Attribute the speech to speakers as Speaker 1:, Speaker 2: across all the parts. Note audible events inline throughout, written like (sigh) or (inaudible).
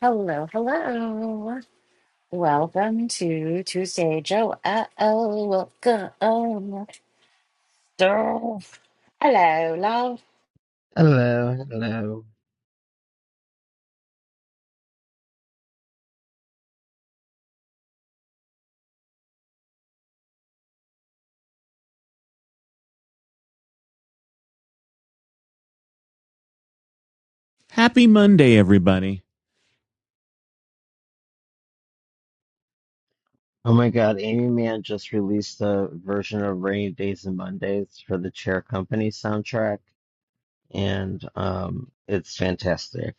Speaker 1: Hello, hello. Welcome to Tuesday, Joe. Uh oh, welcome. Joe. Hello, love.
Speaker 2: Hello, hello.
Speaker 3: Happy Monday, everybody.
Speaker 2: Oh my God, Amy Mann just released a version of Rainy Days and Mondays for the Chair Company soundtrack, and um, it's fantastic.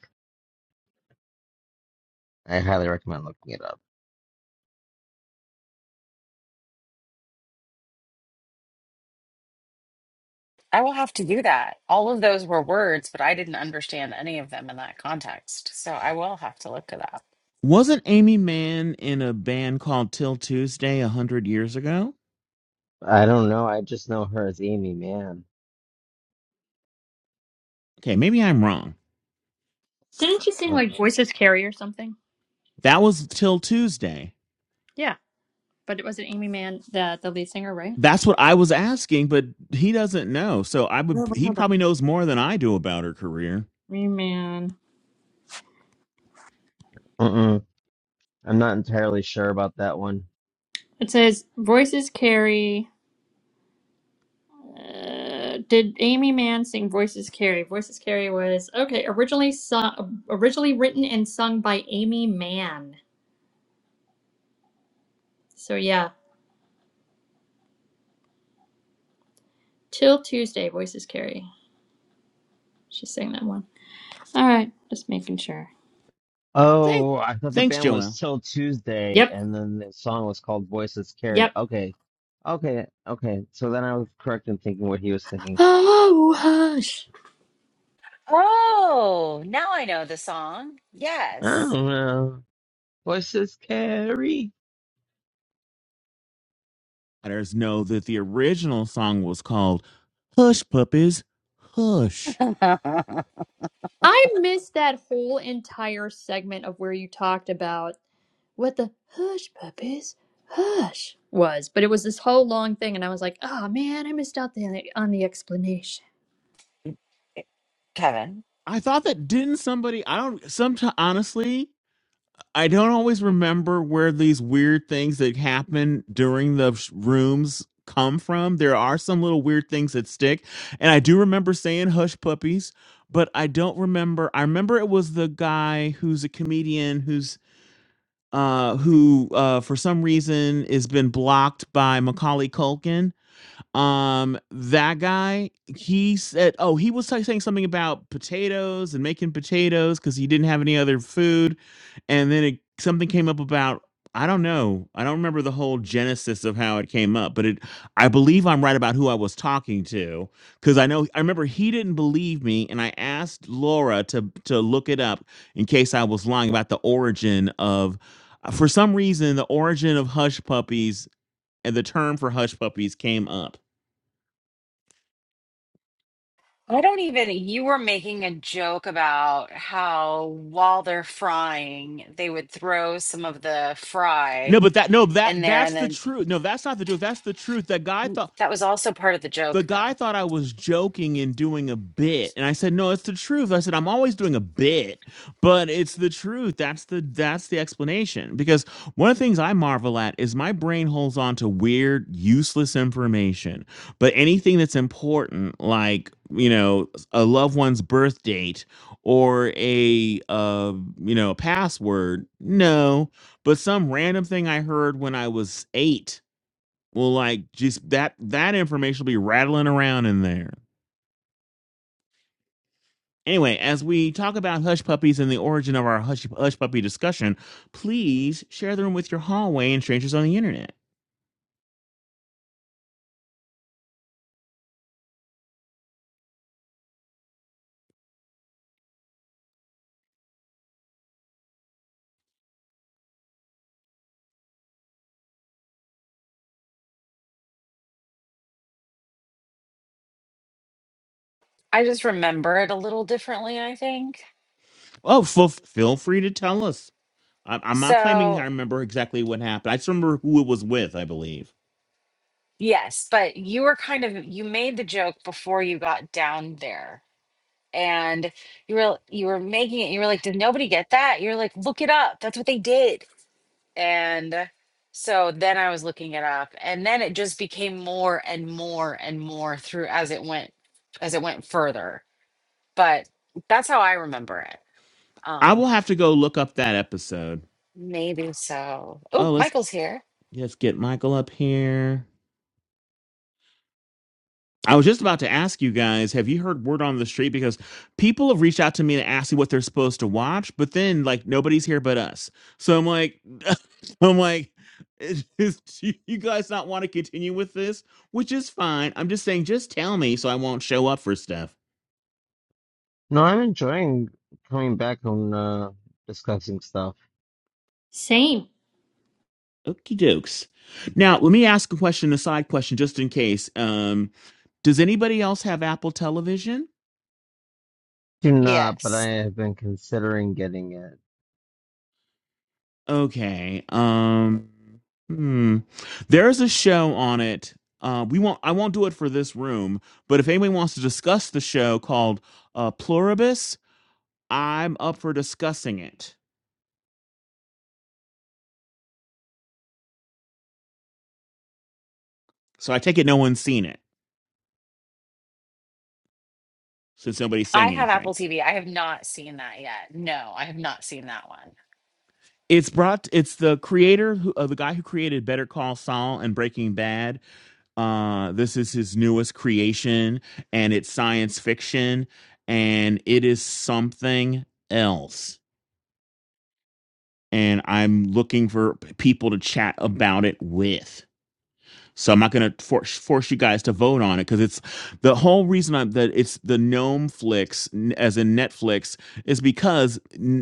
Speaker 2: I highly recommend looking it up.
Speaker 1: I will have to do that. All of those were words, but I didn't understand any of them in that context. So I will have to look it up.
Speaker 3: Wasn't Amy Mann in a band called Till Tuesday a hundred years ago?
Speaker 2: I don't know, I just know her as Amy Mann.
Speaker 3: Okay, maybe I'm wrong.
Speaker 4: Didn't she sing
Speaker 2: Uh,
Speaker 4: like Voices Carry or something?
Speaker 3: That was Till Tuesday.
Speaker 4: Yeah, but it was it Amy Mann, the the lead singer, right?
Speaker 3: That's what I was asking, but he doesn't know. So I
Speaker 4: Oh,
Speaker 3: would
Speaker 4: wait,
Speaker 3: he
Speaker 4: hold on.
Speaker 3: probably knows more than I do about her career.
Speaker 4: Amy Mann.
Speaker 2: mm-mm, I'm not entirely sure about that one.
Speaker 4: It says Voices Carry. Uh, did Amy Mann sing Voices Carry? Voices Carry was okay. Originally sung, originally written and sung by Amy Mann. So yeah, till Tuesday, Voices Carry. She sang that one. All right, just making sure.
Speaker 3: Thank
Speaker 2: Oh, I thought the
Speaker 3: thanks,
Speaker 2: band was
Speaker 3: Joelle.
Speaker 2: Till Tuesday,
Speaker 4: Yep.
Speaker 2: and then the song was called Voices Carry.
Speaker 4: Yep.
Speaker 2: Okay, okay, okay. So then I was correct in thinking what he was thinking.
Speaker 4: Oh hush.
Speaker 1: Oh, now I know the song.
Speaker 2: I don't
Speaker 1: Yes.
Speaker 2: know. Voices carry.
Speaker 3: Matters know that the original song was called Hush Puppies, Hush.
Speaker 1: (laughs)
Speaker 4: I missed that whole entire segment of where you talked about what the hush puppies hush was, but it was this whole long thing, and I was like, oh man, I missed out the, on the explanation.
Speaker 1: Kevin.
Speaker 3: I thought that didn't somebody I don't sometimes honestly I don't always remember where these weird things that happen during the sh- rooms come from. There are some little weird things that stick. And I do remember saying hush puppies, but I don't remember. I remember it was the guy who's a comedian who's uh who uh for some reason has been blocked by Macaulay Culkin um, that guy, he said, oh, he was like, saying something about potatoes and making potatoes because he didn't have any other food, and then it, something came up about I don't know, I don't remember the whole genesis of how it came up, but it, I believe I'm right about who I was talking to because I know I remember he didn't believe me, and I asked Laura to to look it up in case I was lying about the origin of. For some reason, the origin of hush puppies and the term for hush puppies came up.
Speaker 1: I don't even, you were making a joke about how while they're frying, they would throw some of the fry.
Speaker 3: No, but that no that
Speaker 1: in there
Speaker 3: that's
Speaker 1: and
Speaker 3: the
Speaker 1: then
Speaker 3: truth. No, that's not the truth. That's the truth. That guy thought
Speaker 1: that was also part of the
Speaker 3: the
Speaker 1: joke
Speaker 3: guy
Speaker 1: though
Speaker 3: thought I was joking and doing a bit. And I said, "No, it's the truth." I said, "I'm always doing a bit, but it's the truth. That's the that's the explanation." Because one of the things I marvel at is my brain holds on to weird, useless information, but anything that's important like, you know, a loved one's birth date or a uh, you know, a password, no, but some random thing I heard when I was 8 will like just that that information will be rattling around in there. Anyway, as we talk about hush puppies and the origin of our hush, hush puppy discussion, please share the room with your hallway and strangers on the internet.
Speaker 1: i just remember it a little differently i think
Speaker 3: Oh, f- feel free to tell us. I- I'm not claiming I
Speaker 1: so
Speaker 3: remember exactly what happened. I just remember who it was with. I believe
Speaker 1: yes but you were kind of you made the joke before you got down there and you were you were making it you were like did nobody get that you're like look it up that's what they did and so then i was looking it up and then it just became more and more and more through as it went as it went further but that's how i remember it
Speaker 3: I
Speaker 1: Um
Speaker 3: will have to go look up that episode.
Speaker 1: Maybe so. Oh,
Speaker 3: Oh, let's
Speaker 1: Michael's here.
Speaker 3: let's get Michael up here. I was just about to ask you guys, have you heard word on the street? Because people have reached out to me to ask me what they're supposed to watch, but then like nobody's here but us. So I'm like, (laughs) I'm like, is, is- do you guys not want to continue with this? Which is fine. I'm just saying, just tell me so I won't show up for stuff.
Speaker 2: No, I'm enjoying coming back on uh, discussing stuff.
Speaker 4: Same.
Speaker 3: Okie dokes. Now, let me ask a question, a side question, just in case. Um, does anybody else have Apple Television?
Speaker 2: Do not, but I
Speaker 1: Yes.
Speaker 2: have been considering getting it.
Speaker 3: Okay. Um. Hmm. There's a show on it. Uh, we won't. I won't do it for this room. But if anyone wants to discuss the show called uh, Pluribus, I'm up for discussing it. So I take it no one's seen it since nobody's
Speaker 1: I
Speaker 3: saying
Speaker 1: have
Speaker 3: anything.
Speaker 1: Apple TV. I have not seen that yet. No, I have not seen that one.
Speaker 3: It's brought. It's the creator, who, uh, the guy who created Better Call Saul and Breaking Bad. Uh, this is his newest creation, and it's science fiction, and it is something else and I'm looking for people to chat about it with. So I'm not going to force force you guys to vote on it because it's the whole reason I'm, that it's the Gnome Flix as in Netflix is because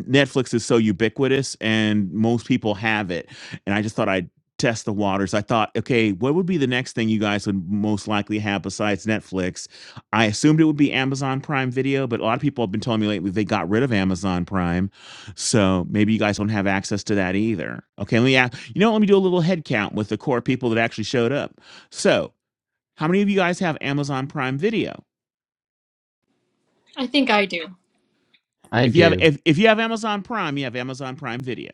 Speaker 3: Netflix is so ubiquitous and most people have it. And I just thought I'd test the waters. I thought, okay, what would be the next thing you guys would most likely have besides Netflix? I assumed it would be Amazon Prime Video, but a lot of people have been telling me lately they got rid of Amazon Prime. So maybe you guys don't have access to that either. Okay, let me you know, let me do a little head count with the core people that actually showed up. So, how many of you guys have Amazon Prime Video?
Speaker 4: I think I do.
Speaker 2: I
Speaker 3: If you have
Speaker 2: do.
Speaker 3: if, if you have Amazon Prime, you have Amazon Prime Video.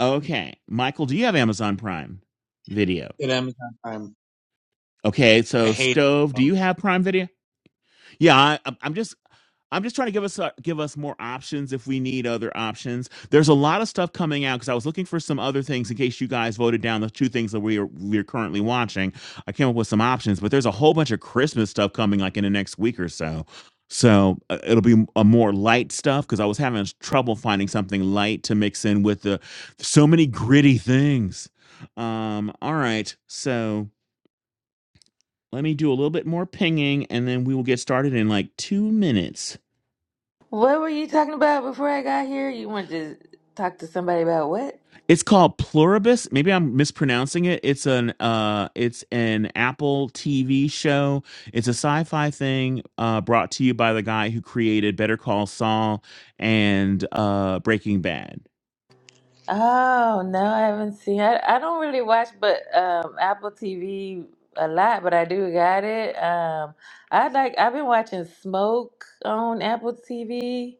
Speaker 3: Okay. Michael, do you have Amazon Prime Video?
Speaker 5: at Amazon Prime.
Speaker 3: Okay,
Speaker 5: I
Speaker 3: so
Speaker 5: hate
Speaker 3: Stove, do
Speaker 5: them.
Speaker 3: you have Prime Video? Yeah, I, I'm just I'm just trying to give us uh, give us more options if we need other options. There's a lot of stuff coming out because I was looking for some other things in case you guys voted down the two things that we are we're currently watching. I came up with some options, but there's a whole bunch of Christmas stuff coming like in the next week or so. So uh, it'll be a more light stuff because I was having trouble finding something light to mix in with the so many gritty things. Um, all right, so. Let me do a little bit more pinging and then we will get started in like two minutes.
Speaker 6: What were you talking about before I got here? You wanted to talk to somebody about what?
Speaker 3: It's called Pluribus. Maybe I'm mispronouncing it. It's an uh it's an Apple TV show. It's a sci-fi thing uh brought to you by the guy who created Better Call Saul and uh Breaking Bad.
Speaker 6: Oh, no, I haven't seen I, I don't really watch but um Apple TV a lot, but I do got it. Um I like I've been watching Smoke on Apple TV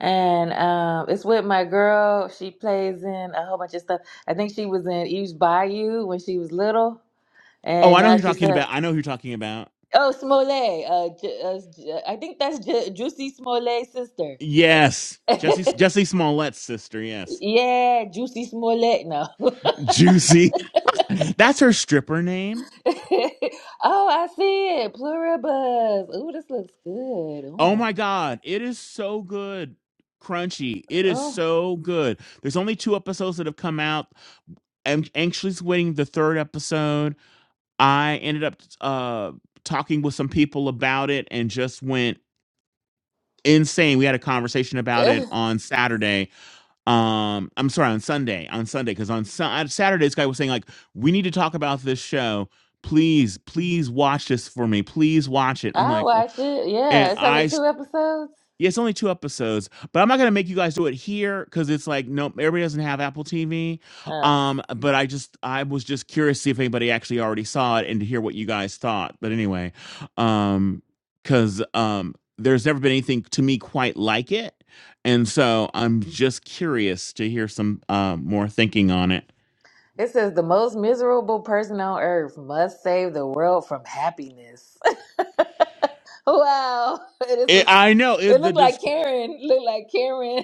Speaker 6: and um it's with my girl. She plays in a whole bunch of stuff. I think she was in Eve's Bayou when she was little.
Speaker 3: Oh,
Speaker 6: And
Speaker 3: I know who
Speaker 6: now
Speaker 3: you're
Speaker 6: she's
Speaker 3: talking
Speaker 6: a
Speaker 3: about. I know who you're talking about.
Speaker 6: oh Smollett. Uh, Ju- uh, Ju- I think that's Ju- Juicy Smollett's sister.
Speaker 3: Yes. Jesse
Speaker 6: (laughs)
Speaker 3: Jesse Smollett's sister, yes.
Speaker 6: Yeah, Juicy Smollett. No. (laughs)
Speaker 3: Juicy. (laughs) That's her stripper name.
Speaker 6: Oh, I see it. Pluribus. Ooh, this looks good.
Speaker 3: Oh
Speaker 6: Oh.
Speaker 3: my God, it is so good. Crunchy. It is
Speaker 6: Oh.
Speaker 3: so good. There's only two episodes that have come out. I'm anxiously waiting the third episode. I ended up uh talking with some people about it and just went insane. We had a conversation about it
Speaker 6: (sighs) Eh,
Speaker 3: on Saturday. Um I'm sorry, on Sunday. On Sunday cuz on, Sun- on Saturday this guy was saying like we need to talk about this show. Please, please watch this for me. Please watch it. I'm
Speaker 6: I'll
Speaker 3: like,
Speaker 6: watch it. Yeah,
Speaker 3: and
Speaker 6: it's only
Speaker 3: I
Speaker 6: two episodes.
Speaker 3: Yeah, it's only two episodes, but I'm not gonna make you guys do it here because it's like no, everybody doesn't have Apple TV.
Speaker 6: Uh,
Speaker 3: Um, but I just I was just curious to see if anybody actually already saw it and to hear what you guys thought. But anyway, um, because um, there's never been anything to me quite like it, and so I'm just curious to hear some um more thinking on it.
Speaker 6: it says the most miserable person on earth must save the world from happiness. (laughs) Wow. It is
Speaker 3: it
Speaker 6: a,
Speaker 3: I know is
Speaker 6: it
Speaker 3: the
Speaker 6: looked like
Speaker 3: dis-
Speaker 6: Karen. Looked like Karen. (laughs)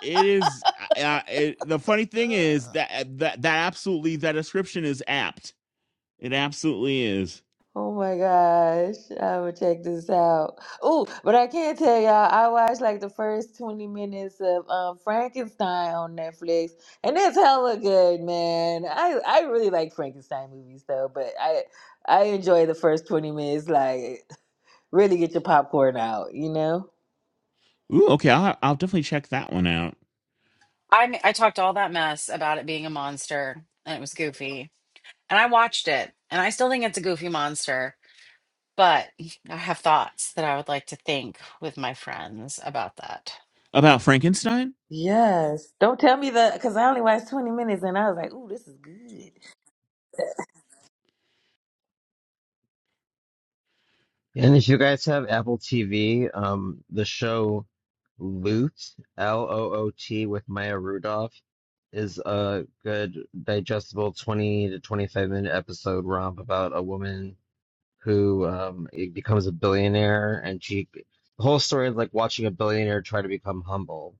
Speaker 3: it is uh, uh, it, the funny thing is that that that absolutely that description is apt. It absolutely is.
Speaker 6: Oh my gosh, I'm gonna check this out. Oh, but I can't tell y'all, I watched like the first 20 minutes of um, Frankenstein on Netflix, and it's hella good, man. I, I really like Frankenstein movies though, but I I enjoy the first 20 minutes, like really get your popcorn out, you know?
Speaker 3: Ooh, okay. I'll, I'll definitely check that one out.
Speaker 1: I I talked all that mess about it being a monster and it was goofy. And I watched it and I still think it's a goofy monster, but I have thoughts that I would like to think with my friends about that.
Speaker 3: About Frankenstein?
Speaker 6: Yes. Don't tell me the, because I only watched 20 minutes and I was like, ooh, this is good.
Speaker 2: And if you guys have Apple TV, um, the show Loot, L O O T, with Maya Rudolph is a good, digestible 20 to 25 minute episode romp about a woman who um, it becomes a billionaire and she. The whole story is like watching a billionaire try to become humble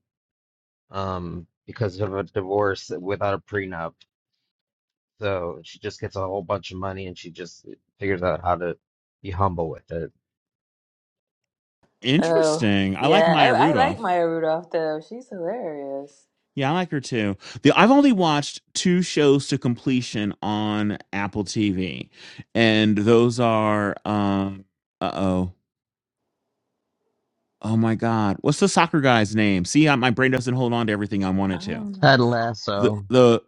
Speaker 2: um, because of a divorce without a prenup. So she just gets a whole bunch of money and she just figures out how to be humble with it.
Speaker 6: Oh,
Speaker 3: Interesting. I like
Speaker 6: yeah,
Speaker 3: Maya
Speaker 6: I, I like
Speaker 3: Rudolph.
Speaker 6: Maya Rudolph though. She's hilarious.
Speaker 3: Yeah, I like her too. The, I've only watched two shows to completion on Apple TV, and those are um, uh oh, oh my God, what's the soccer guy's name? See, I, my brain doesn't hold on to everything I
Speaker 6: I
Speaker 3: wanted to.
Speaker 6: don't
Speaker 2: Ted
Speaker 6: know.
Speaker 3: The
Speaker 2: Lasso.
Speaker 3: the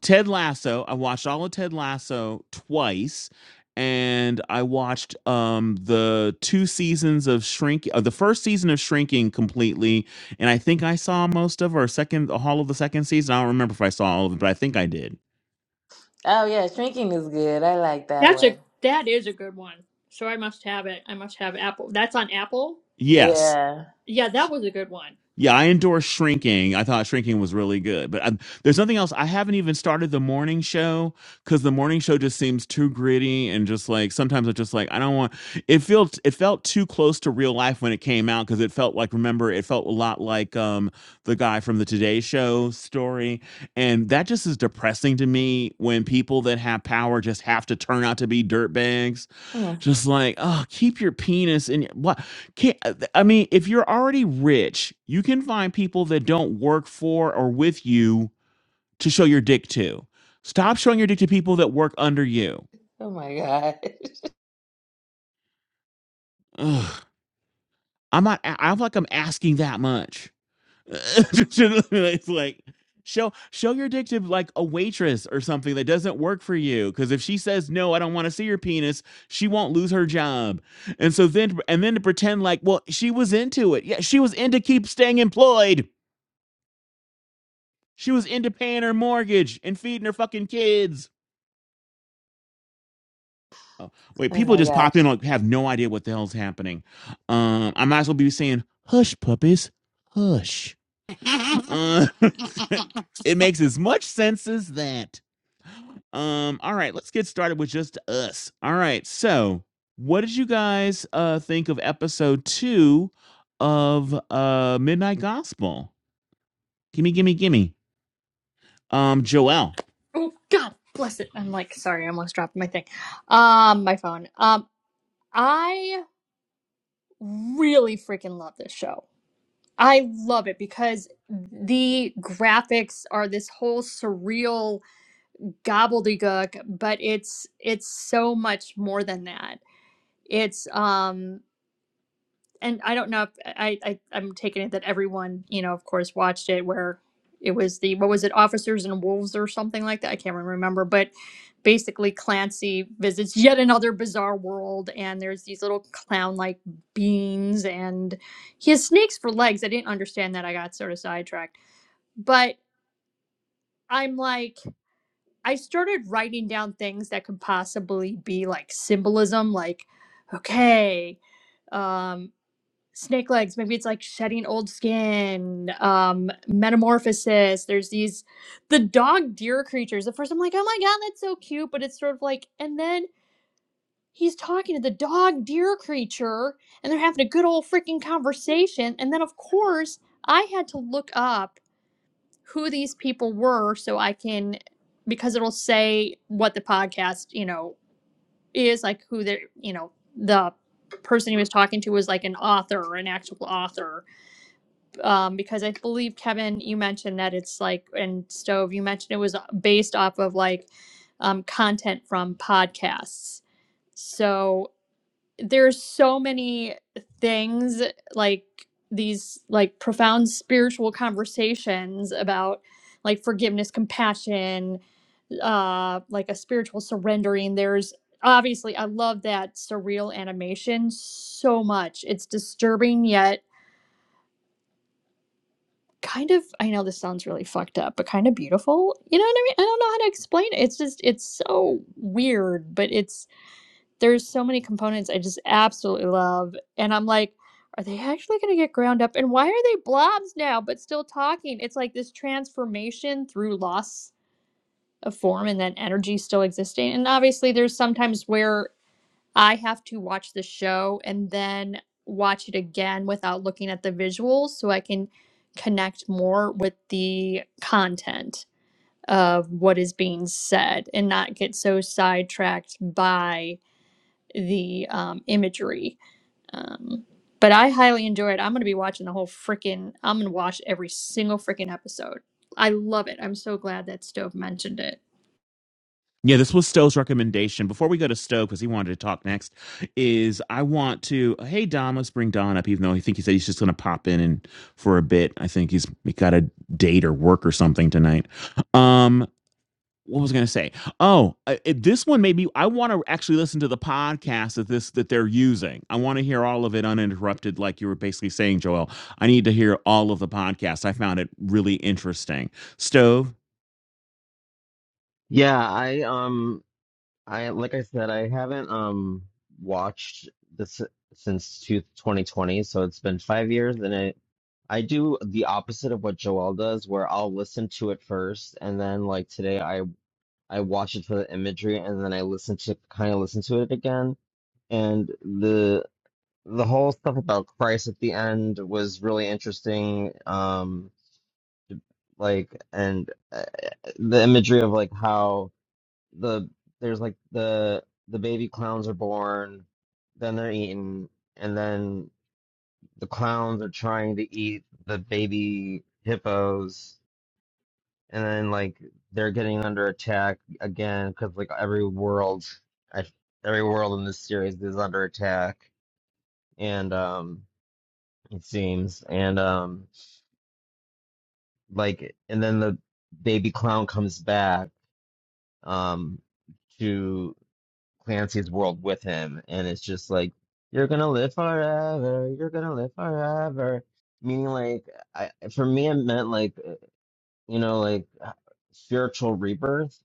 Speaker 3: Ted Lasso. I watched all of Ted Lasso twice, and I watched um, the two seasons of Shrink, uh, the first season of Shrinking completely, and I think I saw most of or second, all of the second season. I don't remember if I saw all of it, but I think I did.
Speaker 6: Oh yeah, shrinking is good. I like that
Speaker 4: That's a
Speaker 6: one.
Speaker 4: that is a good one. So I must have it. I must have Apple. That's on Apple.
Speaker 3: Yes.
Speaker 6: Yeah.
Speaker 4: Yeah, that was a good one.
Speaker 3: Yeah, I endorse Shrinking. I thought Shrinking was really good, but um there's nothing else. I haven't even started the morning show because the morning show just seems too gritty and just like sometimes it's just like I don't want. It felt it felt too close to real life when it came out because it felt like remember it felt a lot like um the guy from the Today Show story, and that just is depressing to me when people that have power just have to turn out to be dirtbags
Speaker 6: Oh,
Speaker 3: just like oh keep your penis in your, what can't i mean if you're already rich you can find people that don't work for or with you to show your dick to stop showing your dick to people that work under you
Speaker 6: oh my god. (laughs)
Speaker 3: Ugh. i'm not I- i'm like i'm asking that much (laughs) it's like show show your dick to like a waitress or something that doesn't work for you because if she says no i don't want to see your penis she won't lose her job and so then and then to pretend like well she was into it yeah she was into keep staying employed she was into paying her mortgage and feeding her fucking kids oh, wait people
Speaker 6: Oh my
Speaker 3: just
Speaker 6: gosh.
Speaker 3: pop in like have no idea what the hell's happening um i might as well be saying hush puppies hush
Speaker 1: (laughs)
Speaker 3: uh,
Speaker 1: I
Speaker 3: (laughs) it makes as much sense as that Um, all right, let's get started with just us. All right, so what did you guys uh think of episode two of uh Midnight Gospel? Gimme, gimme, gimme. Um, Joel.
Speaker 4: Oh God, bless it! I'm like, sorry, I almost dropped my thing, um, my phone. Um, I really freaking love this show. I love it because the graphics are this whole surreal gobbledygook, but it's it's so much more than that. It's um and I don't know if I, I I'm taking it that everyone you know of course watched it where it was the what was it officers and wolves or something like that I can't really remember but basically Clancy visits yet another bizarre world and there's these little clown like beings and he has snakes for legs I didn't understand that I got sort of sidetracked but I'm like I started writing down things that could possibly be like symbolism like okay um snake legs maybe it's like shedding old skin um metamorphosis there's these the dog deer creatures at first i'm like oh my god that's so cute but it's sort of like and then he's talking to the dog deer creature and they're having a good old freaking conversation and then of course i had to look up who these people were so i can because it'll say what the podcast you know is like who they're you know the person he was talking to was like an author an actual author um, because I believe Kevin, you mentioned that it's like, and Stove, you mentioned it was uh, based off of like um, content from podcasts. So there's so many things like these like profound spiritual conversations about like forgiveness, compassion, uh, like a spiritual surrendering. There's obviously I love that surreal animation so much. It's disturbing yet kind of I know this sounds really fucked up, but kind of beautiful. You know what I mean? I don't know how to explain it. It's just it's so weird, but it's there's so many components I just absolutely love. And I'm like, are they actually gonna get ground up? And why are they blobs now but still talking? It's like this transformation through loss of form and then energy still existing. And obviously there's sometimes where I have to watch the show and then watch it again without looking at the visuals so I can connect more with the content of what is being said and not get so sidetracked by the um, imagery. Um, but I highly enjoy it. I'm going to be watching the whole freaking, I'm going to watch every single freaking episode. I love it. I'm so glad that Stove mentioned it.
Speaker 3: Yeah, this was Stowe's recommendation. Before we go to Stowe, because he wanted to talk next, is I want to hey Don, let's bring Don up, even though I think he said he's just gonna pop in and for a bit. I think he's he got a date or work or something tonight. Um, what was I going to say? Oh, uh, it, this one maybe I want to actually listen to the podcast that this that they're using. I want to hear all of it uninterrupted, like you were basically saying, Joel. I need to hear all of the podcast. I found it really interesting. Stove.
Speaker 2: Yeah, I um I like I said I haven't um watched this since two twenty twenty, so it's been 5 years and I I do the opposite of what Joel does where I'll listen to it first and then like today I I watch it for the imagery and then I listen to kind of listen to it again and the the whole stuff about Christ at the end was really interesting. Um, like, and uh, the imagery of like how the there's like the the baby clowns are born, then they're eaten, and then the clowns are trying to eat the baby hippos, and then like they're getting under attack again because like every world, I, every world in this series is under attack, and um, it seems, and um. like and then the baby clown comes back um to Clancy's world with him and it's just like you're gonna live forever you're gonna live forever meaning like I for me it meant like uh, you know like uh, spiritual rebirth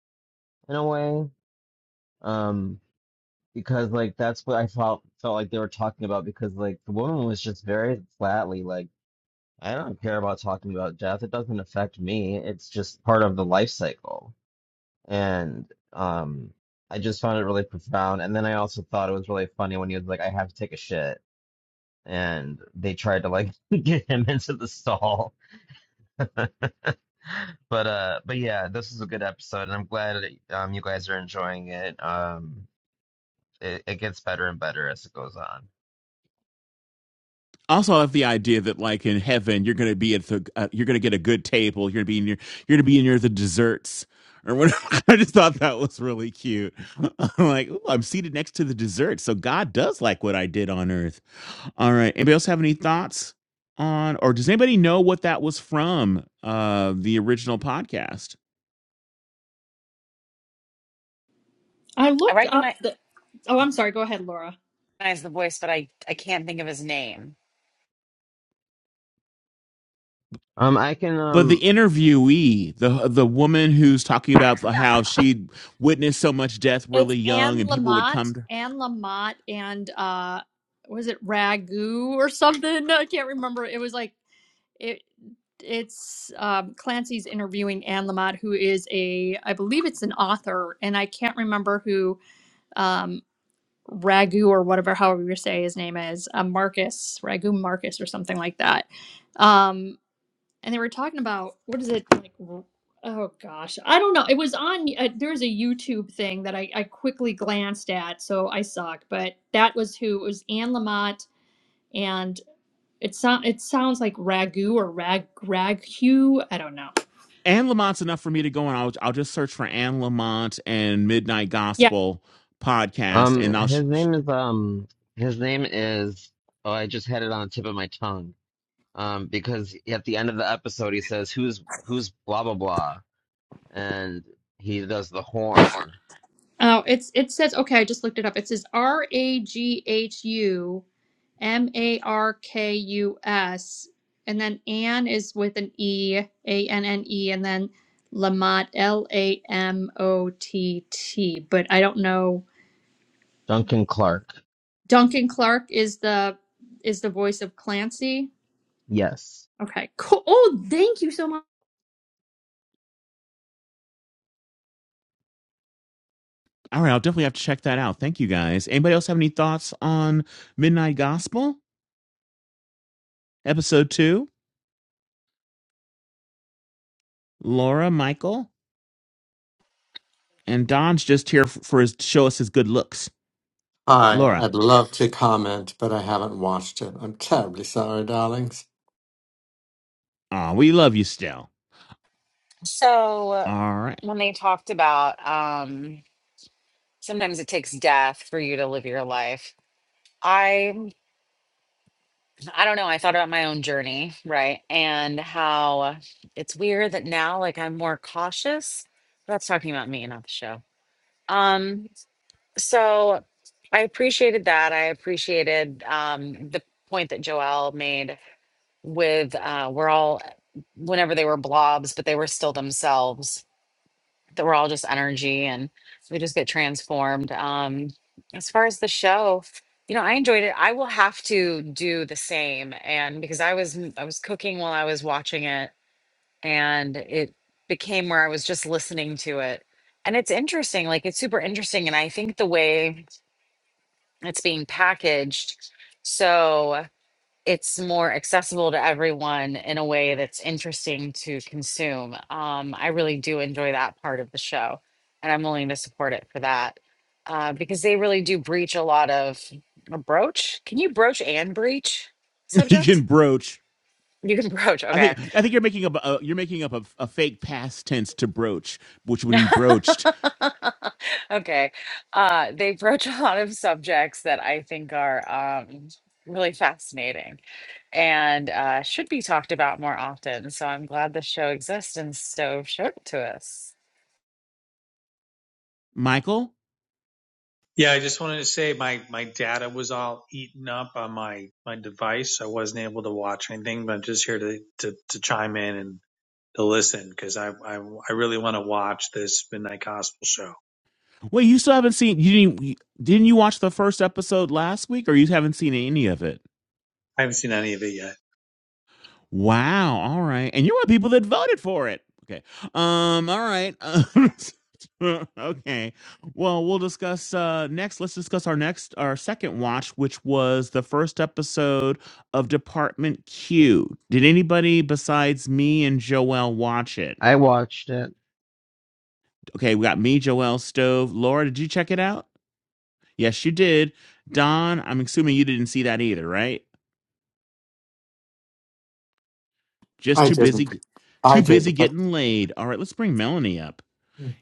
Speaker 2: in a way um because like that's what I felt felt like they were talking about because like the woman was just very flatly like I don't care about talking about death it doesn't affect me it's just part of the life cycle and um I just found it really profound. And then I also thought it was really funny when he was like, "I have to take a shit," and they tried to like (laughs) get him into the stall. (laughs) But uh, but yeah, this is a good episode, and I'm glad um you guys are enjoying it. Um, it, it gets better and better as it goes on.
Speaker 3: Also, I have the idea that like in heaven, you're going to be at the uh, you're going to get a good table. You're going to be near you're going to be near the desserts. Or whatever. (laughs) I just thought that was really cute. (laughs) I'm like, "Ooh, I'm seated next to the dessert, so God does like what I did on earth. All right. Anybody else have any thoughts on, or does anybody know what that was from uh, the original podcast?
Speaker 4: I looked up
Speaker 1: recognize
Speaker 4: the, oh, I'm sorry. Go ahead, Laura.
Speaker 1: the voice, but I I can't think of his name.
Speaker 2: Um, I can
Speaker 3: But the
Speaker 2: um
Speaker 3: interviewee, the the woman who's talking about how she witnessed so much death
Speaker 4: It's
Speaker 3: really young,
Speaker 4: Anne
Speaker 3: and people would come
Speaker 4: Lamott,
Speaker 3: to
Speaker 4: Anne Lamott, and uh, was it Ragu or something? I can't remember. It was like it. It's um, Clancy's interviewing Anne Lamott, who is a, I believe it's an author, and I can't remember who um, Ragu or whatever, however you say his name is, uh, Marcus Ragu Marcus or something like that. Um, and they were talking about what is it like oh gosh i don't know it was on uh, there was a youtube thing that I, I quickly glanced at so i suck but that was who it was anne lamott and it sound it sounds like ragu or rag ragu i don't know
Speaker 3: Anne Lamont's enough for me to go and I'll, I'll just search for Anne Lamont and Midnight
Speaker 4: yeah
Speaker 3: Gospel podcast and
Speaker 2: um
Speaker 3: I'll sh-
Speaker 2: his
Speaker 3: sh-
Speaker 2: name is um his name is oh I just had it on the tip of my tongue. Um, because at the end of the episode he says who's who's blah blah blah and he does the horn.
Speaker 4: oh it's it says okay i just looked it up it says r-a-g-h-u M A R K U S. And then Anne is with an E, A N N E, and then Lamott, L A M O T T. But I don't know.
Speaker 2: Duncan Clark.
Speaker 4: Duncan Clark is the is the voice of Clancy.
Speaker 2: Yes.
Speaker 4: Okay, cool. Oh, thank you so much.
Speaker 3: all right I'll definitely have to check that out. Thank you guys. Anybody else have any thoughts on Midnight Gospel episode 2? Laura Michael, and Don's just here f- for his show us his good looks.
Speaker 7: Hi,
Speaker 3: Laura,
Speaker 7: I'd love to comment, but I haven't watched it. I'm terribly sorry, darlings.
Speaker 3: ah, we love you still.
Speaker 1: So
Speaker 3: All right,
Speaker 1: when they talked about um sometimes it takes death for you to live your life. I I don't know, I thought about my own journey, right? And how it's weird that now like I'm more cautious. That's talking about me, not the show. Um so I appreciated that. I appreciated um the point that Joelle made with uh we're all whenever they were blobs, but they were still themselves that we're all just energy and we just get transformed. Um, as far as the show, you know, I enjoyed it. I will have to do the same, and because I was mm, I was cooking while I was watching it, and it became where I was just listening to it, and it's interesting. Like it's super interesting, and I think the way it's being packaged. So it's more accessible to everyone in a way that's interesting to consume. Um, I really do enjoy that part of the show, and I'm willing to support it for that uh, because they really do breach a lot of a broach. Can you broach and breach
Speaker 3: (laughs) you can
Speaker 1: subject?
Speaker 3: broach.
Speaker 1: You can broach,
Speaker 3: I
Speaker 1: okay.
Speaker 3: think I think you're making up a, you're making up a, a fake past tense to broach, which would be broached.
Speaker 1: (laughs) okay. Uh, they broach a lot of subjects that I think are um, really fascinating and uh, should be talked about more often. So I'm glad this show exists and Stove showed it to us.
Speaker 3: Michael,
Speaker 5: Yeah, I just wanted to say my my data was all eaten up on my my device. I wasn't able to watch anything, but I'm just here to to, to chime in and to listen because I, I I really want to watch this Midnight Gospel show.
Speaker 3: wait, you still haven't seen you didn't didn't you watch the first episode last week, or you haven't seen any of it?
Speaker 5: I haven't seen any of it yet.
Speaker 3: Wow, all right. And you were people that voted for it. Okay. Um, all right. (laughs) okay. Well, we'll discuss uh next. Let's discuss our next our second watch, which was the first episode of Department Q. Did anybody besides me and Joelle watch it?
Speaker 2: I watched it.
Speaker 3: Okay, we got me, Joelle Stove. Laura, did you check it out? Yes, you did. Don, I'm assuming you didn't see that either, right? Just
Speaker 7: I
Speaker 3: too
Speaker 7: didn't.
Speaker 3: busy
Speaker 7: I
Speaker 3: too busy
Speaker 7: didn't. But...
Speaker 3: getting laid. All right, let's bring Melanie up.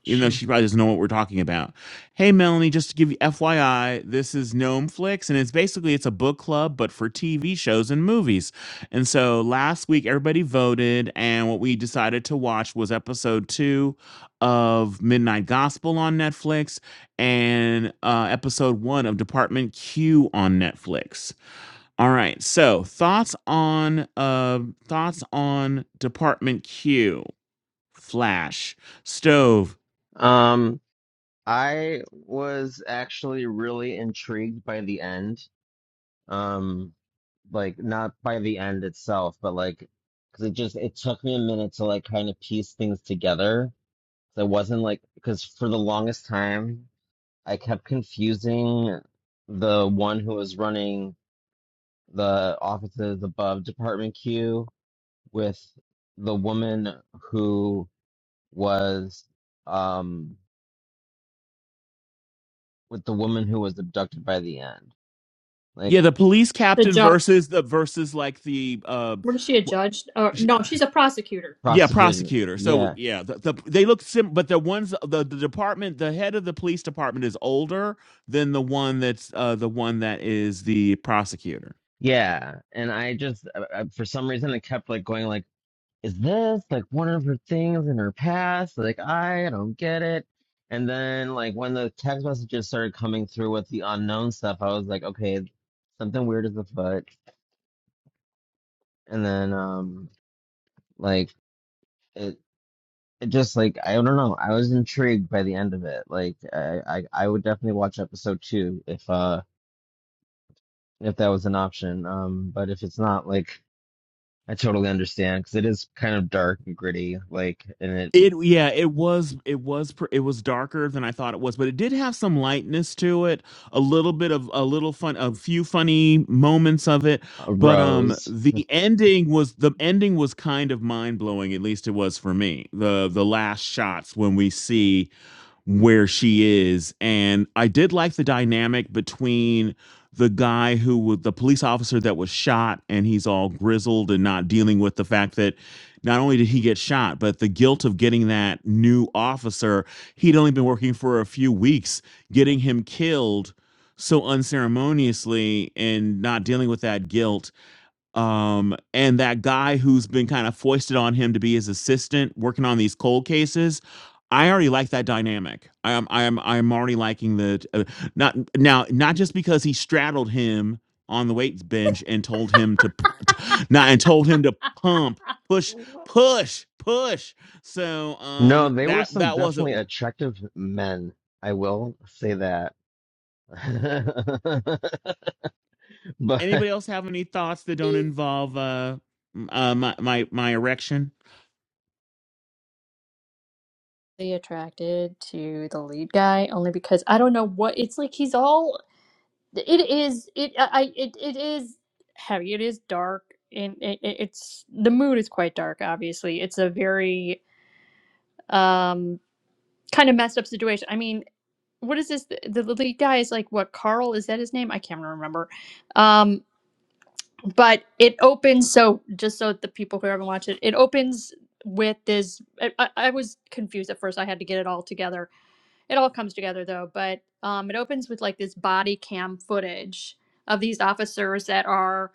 Speaker 3: even though she probably doesn't know what we're talking about. Hey, Melanie, just to give you FYI, this is Gnome Flicks, and it's basically it's a book club, but for TV shows and movies. And so last week, everybody voted, and what we decided to watch was episode two of Midnight Gospel on Netflix and uh, episode one of Department Q on Netflix. All right, so thoughts on uh, thoughts on Department Q, Flash, Stove.
Speaker 2: Um I was actually really intrigued by the end. Um like not by the end itself, but like cuz it just it took me a minute to like kind of piece things together. I wasn't like cuz for the longest time I kept confusing the one who was running the offices above Department Q with the woman who was um with the woman who was abducted by the end like
Speaker 3: Yeah, the police
Speaker 4: The
Speaker 3: captain
Speaker 4: judge.
Speaker 3: versus the versus like the uh,
Speaker 4: What is she a judge? Or no, she's a prosecutor.
Speaker 3: yeah
Speaker 2: prosecuted
Speaker 3: prosecutor. So
Speaker 2: yeah
Speaker 3: yeah, the, the they look sim, but the ones the, the department the head of the police department is older than the one that's uh, the one that is the prosecutor.
Speaker 2: yeah and i just uh uh, for some reason i kept like going like is this like one of her things in her past like i don't get it and then like when the text messages started coming through with the unknown stuff i was like okay something weird is afoot and then um like it just like I don't know. I was intrigued by the end of it. Like I, I, I would definitely watch episode two if uh if that was an option. Um, but if it's not, like I totally understand because it is kind of dark and gritty. Like and it
Speaker 3: It yeah, it was it was pr- it was darker than I thought it was, but it did have some lightness to it, a little bit of a little fun, a few funny moments of it, but um
Speaker 2: arose.
Speaker 3: the ending was the ending was kind of mind-blowing, at least it was for me. The the last shots when we see where she is. And I did like the dynamic between the guy who was the police officer that was shot and he's all grizzled and not dealing with the fact that not only did he get shot, but the guilt of getting that new officer, he'd only been working for a few weeks, getting him killed so unceremoniously and not dealing with that guilt um and that guy who's been kind of foisted on him to be his assistant working on these cold cases i already like that dynamic i am i am i'm already liking the uh, not now not just because he straddled him on the weights bench and told him to, p- t not and told him to pump push push push so
Speaker 2: No,
Speaker 3: um
Speaker 2: they were
Speaker 3: that
Speaker 2: some
Speaker 3: that wasn't
Speaker 2: definitely
Speaker 3: one
Speaker 2: attractive men. I will say that. (laughs) But
Speaker 3: anybody
Speaker 2: (laughs)
Speaker 3: else have any thoughts that don't
Speaker 4: really
Speaker 3: involve uh m- uh my my, my erection
Speaker 4: attracted to the lead guy only because I don't know what it's like. He's all it is it i it, it is heavy it is dark and it, it- it's the mood is quite dark obviously it's a very um kind of messed up situation i mean what is this the, the lead guy is like what carl is that his name i can't remember um but it opens so just so the people who haven't watched it it opens with this I, I I was confused at first i had to get it all together it all comes together though but um it opens with like this body cam footage of these officers that are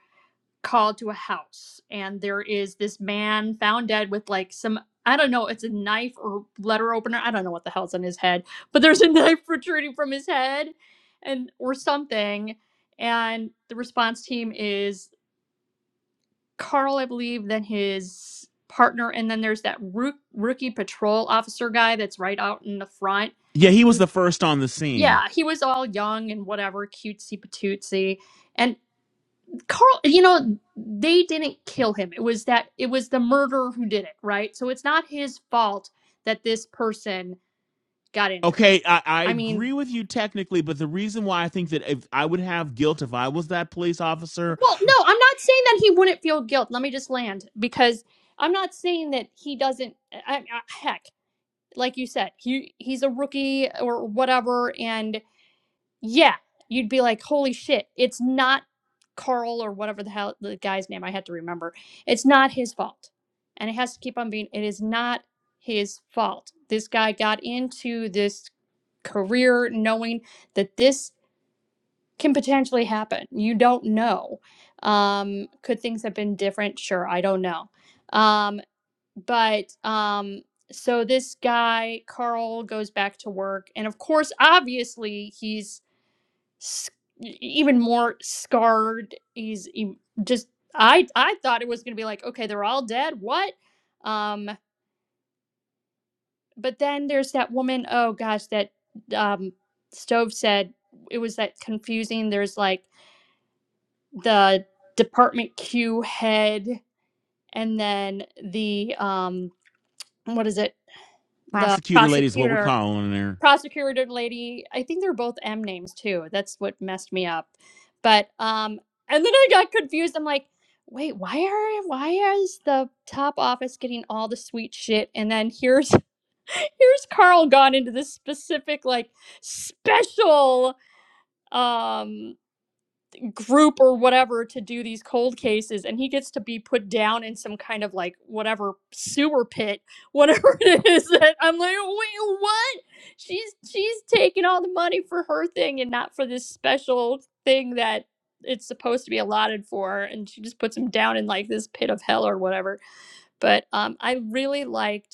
Speaker 4: called to a house and there is this man found dead with like some I don't know, it's a knife or letter opener. I don't know what the hell's on his head, but there's a (laughs) knife protruding from his head and or something. And the response team is Carl, I believe, then his partner, and then there's that rook, rookie patrol officer guy that's right out in the front.
Speaker 3: yeah he was
Speaker 4: Yes.
Speaker 3: the first on the scene
Speaker 4: Yeah, he was all young and whatever, cutesy patootsy. And Carl, you know, they didn't kill him. It was that it was the murderer who did it, right? So it's not his fault that this person got injured.
Speaker 3: Okay, I, I
Speaker 4: I mean,
Speaker 3: agree with you technically, but the reason why I think that if I would have guilt if I was that police officer,
Speaker 4: well, no, I'm not saying that he wouldn't feel guilt. Let me just land because I'm not saying that he doesn't. I, I, heck, like you said, he he's a rookie or whatever, and. Yeah, you'd be like, holy shit, it's not Carl or whatever the hell the guy's name I had to remember. It's not his fault. And it has to keep on being, it is not his fault. This guy got into this career knowing that this can potentially happen. You don't know. Um, could things have been different? Sure, I don't know. Um, but um, so this guy, Carl, goes back to work. And of course, obviously, he's s- e- even more scarred. He's he just I I thought it was gonna be like okay they're all dead what, um but then there's that woman oh gosh that um stove said it was that confusing there's like the department Q head and then the um what is it the
Speaker 3: prosecutor lady is what we're
Speaker 4: prosecutor
Speaker 3: calling her.
Speaker 4: prosecutor lady. I think they're both M names too. That's what messed me up. But um, and then I got confused. I'm like, wait, why are why is the top office getting all the sweet shit, and then here's (laughs) here's Carl gone into this specific like special um group or whatever to do these cold cases and he gets to be put down in some kind of like whatever sewer pit (laughs) whatever it is that i'm like wait what she's she's taking all the money for her thing and not for this special thing that it's supposed to be allotted for and she just puts him down in like this pit of hell or whatever but um i really liked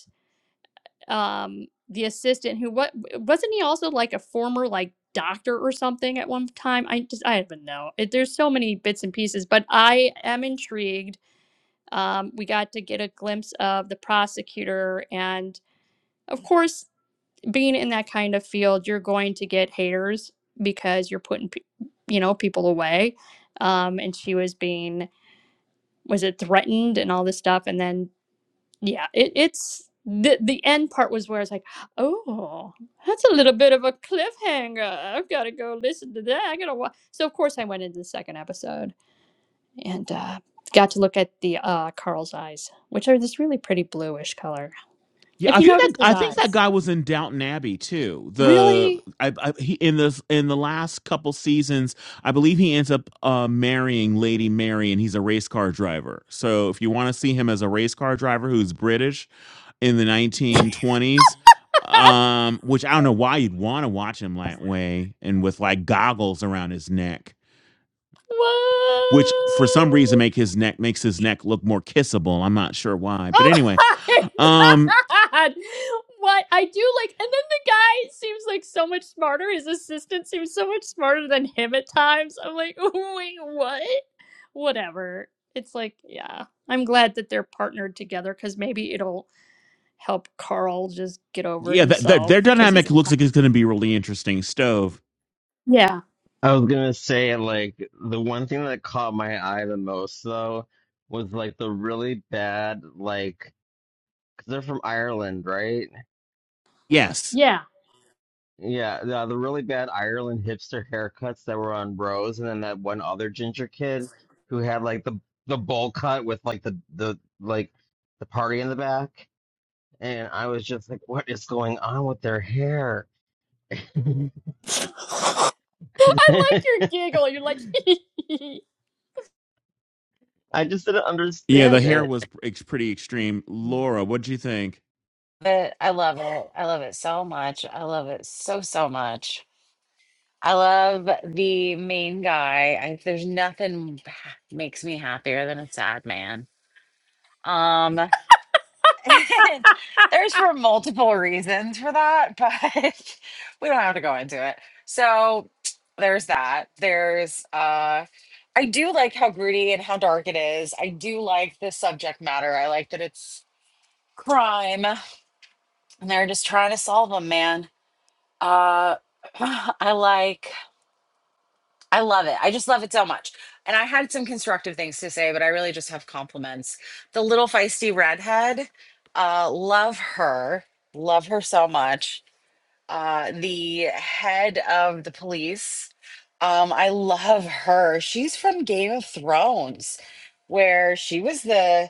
Speaker 4: um the assistant who what wasn't he also like a former like doctor or something at one time i just i don't even know it, there's so many bits and pieces but i am intrigued um we got to get a glimpse of the prosecutor and of course being in that kind of field you're going to get haters because you're putting pe- you know people away um and she was being was it threatened and all this stuff and then yeah it, it's the the end part was where it's like oh that's a little bit of a cliffhanger i've got to go listen to that i gotta watch so of course i went into the second episode and uh got to look at the uh carl's eyes which are this really pretty bluish color
Speaker 3: Yeah,
Speaker 4: if
Speaker 3: I
Speaker 4: you
Speaker 3: think
Speaker 4: notice
Speaker 3: that
Speaker 4: his
Speaker 3: I think that
Speaker 4: eyes
Speaker 3: guy was in Downton Abbey too. The
Speaker 4: really
Speaker 3: I, I he in this in the last couple seasons, I believe he ends up uh, marrying Lady Mary, and he's a race car driver. So if you want to see him as a race car driver who's British, in the 1920s
Speaker 4: (laughs)
Speaker 3: um which i don't know why you'd want to watch him that way and with like goggles around his neck which for some reason
Speaker 4: what
Speaker 3: make his neck makes his neck look more kissable i'm not sure why but
Speaker 4: Oh
Speaker 3: anyway
Speaker 4: my (laughs)
Speaker 3: um
Speaker 4: god! What I do like, and then the guy seems like so much smarter. His assistant seems so much smarter than him at times. I'm like, (laughs) wait, what? Whatever. It's like, yeah. I'm glad that they're partnered together because maybe it'll help Carl just get over
Speaker 3: yeah th- th- their
Speaker 4: himself because he's
Speaker 3: dynamic
Speaker 4: a
Speaker 3: looks like it's going to be really interesting stove
Speaker 4: yeah,
Speaker 2: I was gonna say, like, the one thing that caught my eye the most, though, was like the really bad, like, because they're from Ireland, right?
Speaker 3: yes
Speaker 4: yeah.
Speaker 2: Yeah, the, the really bad Ireland hipster haircuts that were on Rose, and then that one other ginger kid who had like the the bowl cut with like the the like the party in the back, and I was just like, what is going on with their hair? (laughs)
Speaker 4: (laughs) I like your giggle. You're like, (laughs) (laughs)
Speaker 2: I just didn't
Speaker 3: yeah the
Speaker 2: understand
Speaker 3: hair
Speaker 2: it.
Speaker 3: was ex- pretty extreme laura what do you think
Speaker 1: But I love it. I love it so much. I love it so, so much. I love the main guy. I, there's nothing (sighs) makes me happier than a sad man. Um, (laughs) And There's for multiple reasons for that, but (laughs) we don't have to go into it. So there's that. There's uh I do like how gritty and how dark it is. I do like the subject matter. I like that it's crime and they're just trying to solve them, man. Uh (sighs) (clears throat) I like I love it. I just love it so much. And I had some constructive things to say, but I really just have compliments. The little feisty redhead, uh, love her. Love her so much. Uh, the head of the police, um, I love her. She's from Game of Thrones, where she was the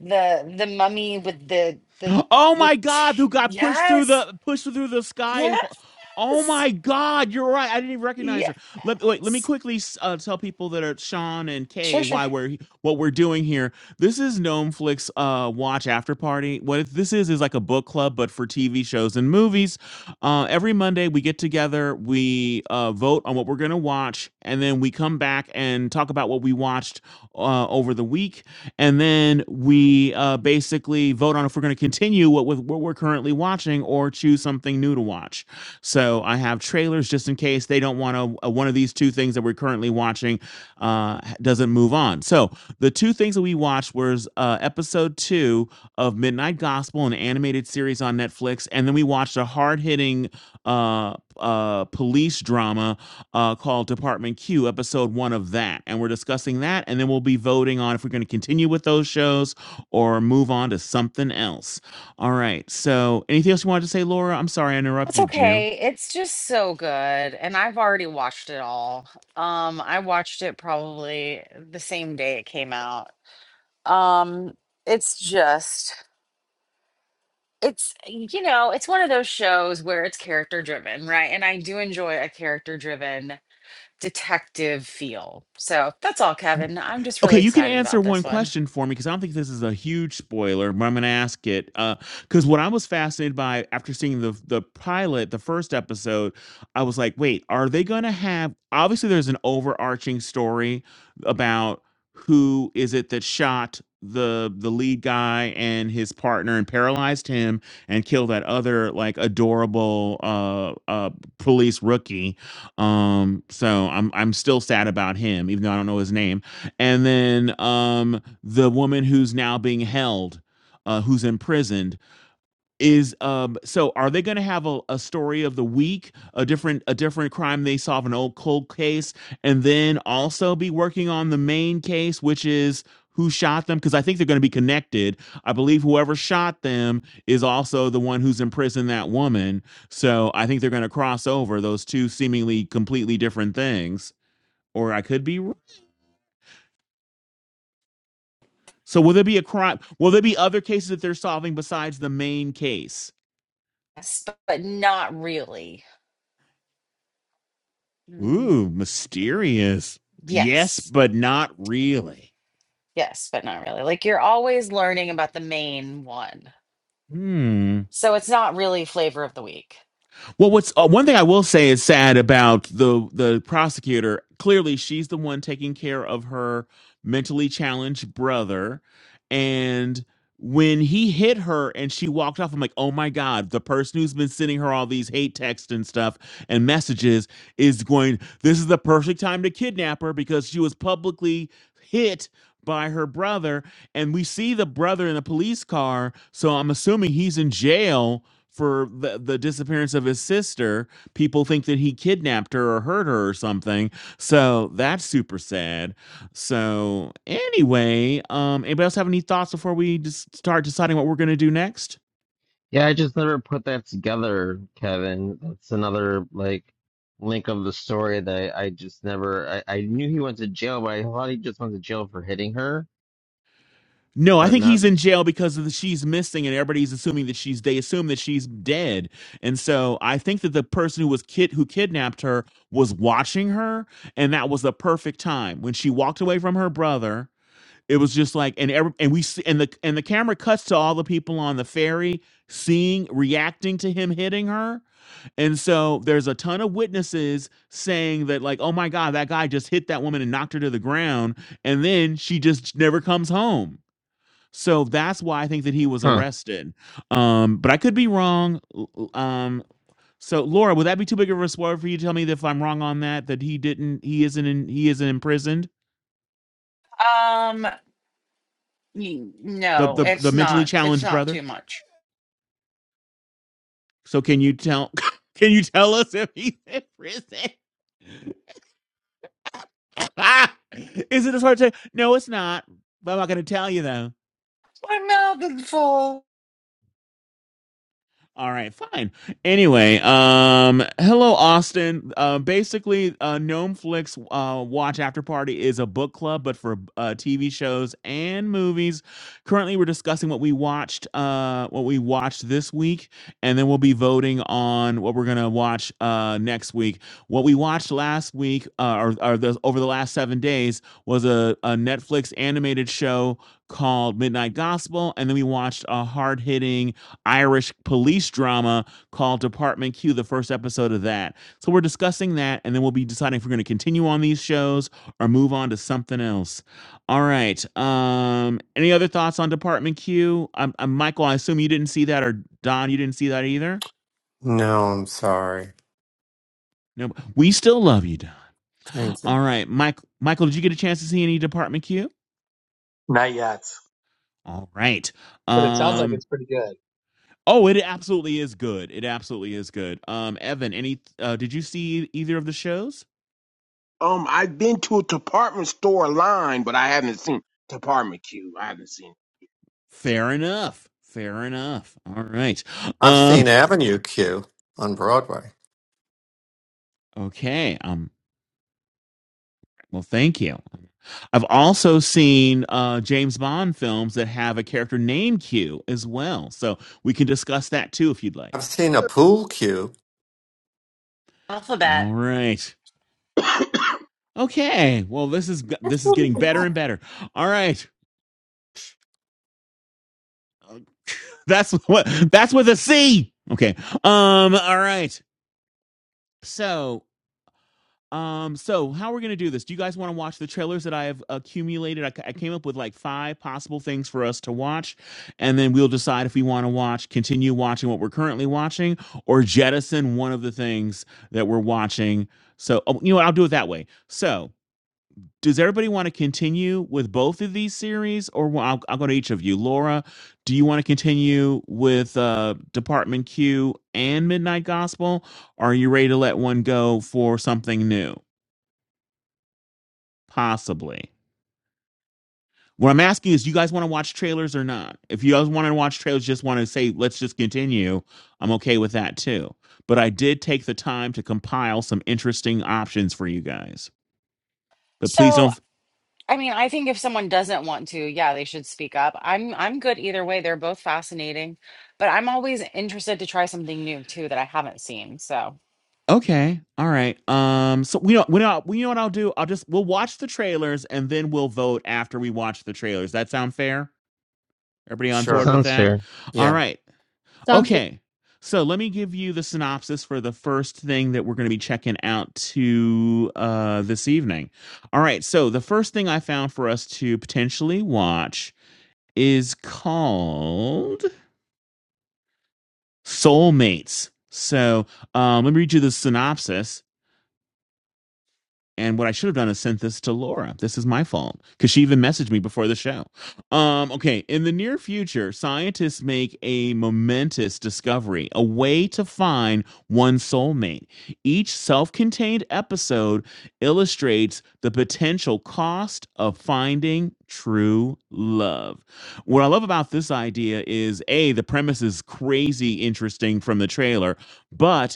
Speaker 1: the the mummy with the the
Speaker 3: Oh
Speaker 1: the
Speaker 3: my God,
Speaker 1: t-
Speaker 3: who got pushed through
Speaker 1: yes,
Speaker 3: the pushed through the sky?
Speaker 1: yes,
Speaker 3: Oh my God, you're right. I didn't even recognize her.
Speaker 1: yes.
Speaker 3: Let wait. Let me quickly uh, tell people that are Sean and
Speaker 1: Sure,
Speaker 3: Kay
Speaker 1: sure.
Speaker 3: why we're what we're doing here. This is Gnomeflix uh, Watch After Party. What it, this is is like a book club, but for TV shows and movies. Uh, every Monday, we get together, we uh, vote on what we're going to watch, and then we come back and talk about what we watched uh, over the week. And then we uh, basically vote on if we're going to continue what, with what we're currently watching or choose something new to watch. So I have trailers just in case they don't want to, uh, one of these two things that we're currently watching uh, doesn't move on. So the two things that we watched was uh, episode two of Midnight Gospel, an animated series on Netflix, and then we watched a hard hitting uh, uh, police drama uh, called Department Q, episode one of that, and we're discussing that, and then we'll be voting on if we're going to continue with those shows or move on to something else. All right. So, anything else you wanted to say, Laura? I'm sorry I
Speaker 1: That's
Speaker 3: interrupted you.
Speaker 1: okay. It's just so good. And I've already watched it all. Um, I watched it probably the same day it came out. Um, it's just it's you know, it's one of those shows where it's character driven, right? And I do enjoy a character driven detective feel. So that's all, Kevin. I'm just
Speaker 3: Okay,
Speaker 1: really
Speaker 3: you can
Speaker 1: excited
Speaker 3: answer
Speaker 1: about
Speaker 3: one
Speaker 1: this one.
Speaker 3: question for me because I don't think this is a huge spoiler, but I'm going to ask it. Because what I was fascinated by after seeing the the pilot, the first episode, I was like, wait, are they going to have? Obviously, there's an overarching story about who is it that shot the the lead guy and his partner and paralyzed him and killed that other like adorable uh uh police rookie um so i'm i'm still sad about him even though i don't know his name and then um the woman who's now being held uh who's imprisoned is um so are they going to have a, a story of the week a different a different crime they solve an old cold case and then also be working on the main case which is who shot them because i think they're going to be connected i believe whoever shot them is also the one who's imprisoned that woman so i think they're going to cross over those two seemingly completely different things or i could be wrong. So will there be a crime? Will there be other cases that they're solving besides the main case?
Speaker 1: Yes, but but not really. Mm,
Speaker 3: Ooh, mysterious. Yes,
Speaker 1: yes.
Speaker 3: but not really.
Speaker 1: Yes, but not really. Like you're always learning about the main one
Speaker 3: Hmm.
Speaker 1: So it's not really flavor of the week.
Speaker 3: Well, what's uh, one thing I will say is sad about the the prosecutor. Clearly, she's the one taking care of her mentally challenged brother, and when he hit her and she walked off, I'm like, oh my god, the person who's been sending her all these hate texts and stuff and messages is going. This is the perfect time to kidnap her because she was publicly hit by her brother. And we see the brother in the police car. So I'm assuming he's in jail for the, the disappearance of his sister. People think that he kidnapped her or hurt her or something. So that's super sad. So anyway, um, anybody else have any thoughts before we just start deciding what we're gonna do next?
Speaker 2: Yeah, I just never put that together, Kevin. That's another like link of the story that I, I just never. I, I knew he went to jail, but I thought he just went to jail for hitting her,
Speaker 3: No, I
Speaker 2: but
Speaker 3: think
Speaker 2: not.
Speaker 3: he's in jail because of the, she's missing, and everybody's assuming that she's. They assume that she's dead, and so I think that the person who was kid who kidnapped her was watching her, and that was the perfect time when she walked away from her brother. It was just like, and every, and we see, and the and the camera cuts to all the people on the ferry seeing, reacting to him hitting her, and so there's a ton of witnesses saying that like, oh my god, that guy just hit that woman and knocked her to the ground, and then she just never comes home so that's why I think that he was
Speaker 2: Huh.
Speaker 3: arrested. Um, but I could be wrong. L- Um, so Laura, would that be too big of a spoiler for you to tell me that if I'm wrong on that, that he didn't, he isn't, in, he isn't imprisoned,
Speaker 1: Um, n-
Speaker 3: the,
Speaker 1: no,
Speaker 3: the the
Speaker 1: it's
Speaker 3: mentally
Speaker 1: not. It's
Speaker 3: challenged
Speaker 1: not
Speaker 3: brother.
Speaker 1: too much.
Speaker 3: So can you tell, (laughs) can you tell us if he's in prison? (laughs) Is it a spoiler? to? No, it's not. But I'm not going to tell you though.
Speaker 1: My mouth is full.
Speaker 3: All right, fine. Anyway, um, hello, Austin. Uh, basically, uh, Gnome Flicks uh, Watch After Party is a book club, but for uh, TV shows and movies. Currently, we're discussing what we watched, uh, what we watched this week, and then we'll be voting on what we're gonna watch uh, next week. What we watched last week, uh, or, or the, over the last seven days, was a, a Netflix animated show called Midnight Gospel, and then we watched a hard hitting Irish police drama called Department Q, the first episode of that. So we're discussing that, and then we'll be deciding if we're going to continue on these shows or move on to something else. All right. Um, any other thoughts on Department Q? Um, um, Michael, I assume you didn't see that, or Don, you didn't see that either.
Speaker 7: No, I'm sorry.
Speaker 3: No, we still love you, Don.
Speaker 7: Thank
Speaker 3: All
Speaker 7: you.
Speaker 3: right, Mike. Michael, did you get a chance to see any Department Q?
Speaker 5: Not yet.
Speaker 3: All right.
Speaker 5: But it sounds like
Speaker 3: Um.
Speaker 5: it's pretty good.
Speaker 3: Oh, it absolutely is good. It absolutely is good. Um, Evan, any? Uh, did you see either of the shows?
Speaker 8: Um, I've been to a department store line, but I haven't seen department queue. I haven't seen.
Speaker 3: Fair enough. Fair enough. All right.
Speaker 7: I've
Speaker 3: Uh,
Speaker 7: seen Avenue Q on Broadway.
Speaker 3: okay. Um. Well, thank you. I've also seen uh, James Bond films that have a character named Q as well, so we can discuss that too if you'd
Speaker 7: I've
Speaker 3: like.
Speaker 7: seen a pool cue.
Speaker 1: Alphabet.
Speaker 3: All right.
Speaker 8: (coughs) I-
Speaker 3: Okay. Well, this is
Speaker 4: That's
Speaker 3: this is
Speaker 4: what we
Speaker 3: getting better
Speaker 4: got.
Speaker 3: and better. All right. (laughs) That's what that's with a C. Okay. Um. All right. So Um, so how we're gonna do this? Do you guys want to watch the trailers that I have accumulated? I I came up with like five possible things for us to watch, and then we'll decide if we want to watch, continue watching what we're currently watching, or jettison one of the things that we're watching. So oh, you know what? I'll do it that way. So does everybody want to continue with both of these series, or wa- I'll, I'll go to each of you? Laura, do you want to continue with uh, Department Q and Midnight Gospel? Or are you ready to let one go for something new? Possibly. What I'm asking is, you guys want to watch trailers or not? If you guys want to watch trailers, just want to say, let's just continue, I'm okay with that too. But I did take the time to compile some interesting options for you guys. But please don't.
Speaker 1: So,
Speaker 3: F-
Speaker 1: I mean, I think if someone doesn't want to, yeah, they should speak up. I'm I'm good either way. They're both fascinating, but I'm always interested to try something new too that I haven't seen. So,
Speaker 3: Okay, all right. Um, so we know we know we know what I'll do. I'll just we'll watch the trailers and then we'll vote after we watch the trailers. That sound fair? Everybody on
Speaker 2: That
Speaker 7: Sure.
Speaker 3: board with
Speaker 2: sounds
Speaker 3: that?
Speaker 2: fair.
Speaker 3: All
Speaker 7: Yeah,
Speaker 3: right.
Speaker 4: sounds good.
Speaker 3: Okay. So let me give you the synopsis for the first thing that we're going to be checking out to uh, this evening. All right. So the first thing I found for us to potentially watch is called Soulmates. So um, let me read you the synopsis. And what I should have done is sent this to Laura. This is my fault because she even messaged me before the show. Um, okay. In the near future, scientists make a momentous discovery a way to find one soulmate. Each self contained episode illustrates the potential cost of finding true love. What I love about this idea is A, the premise is crazy interesting from the trailer, but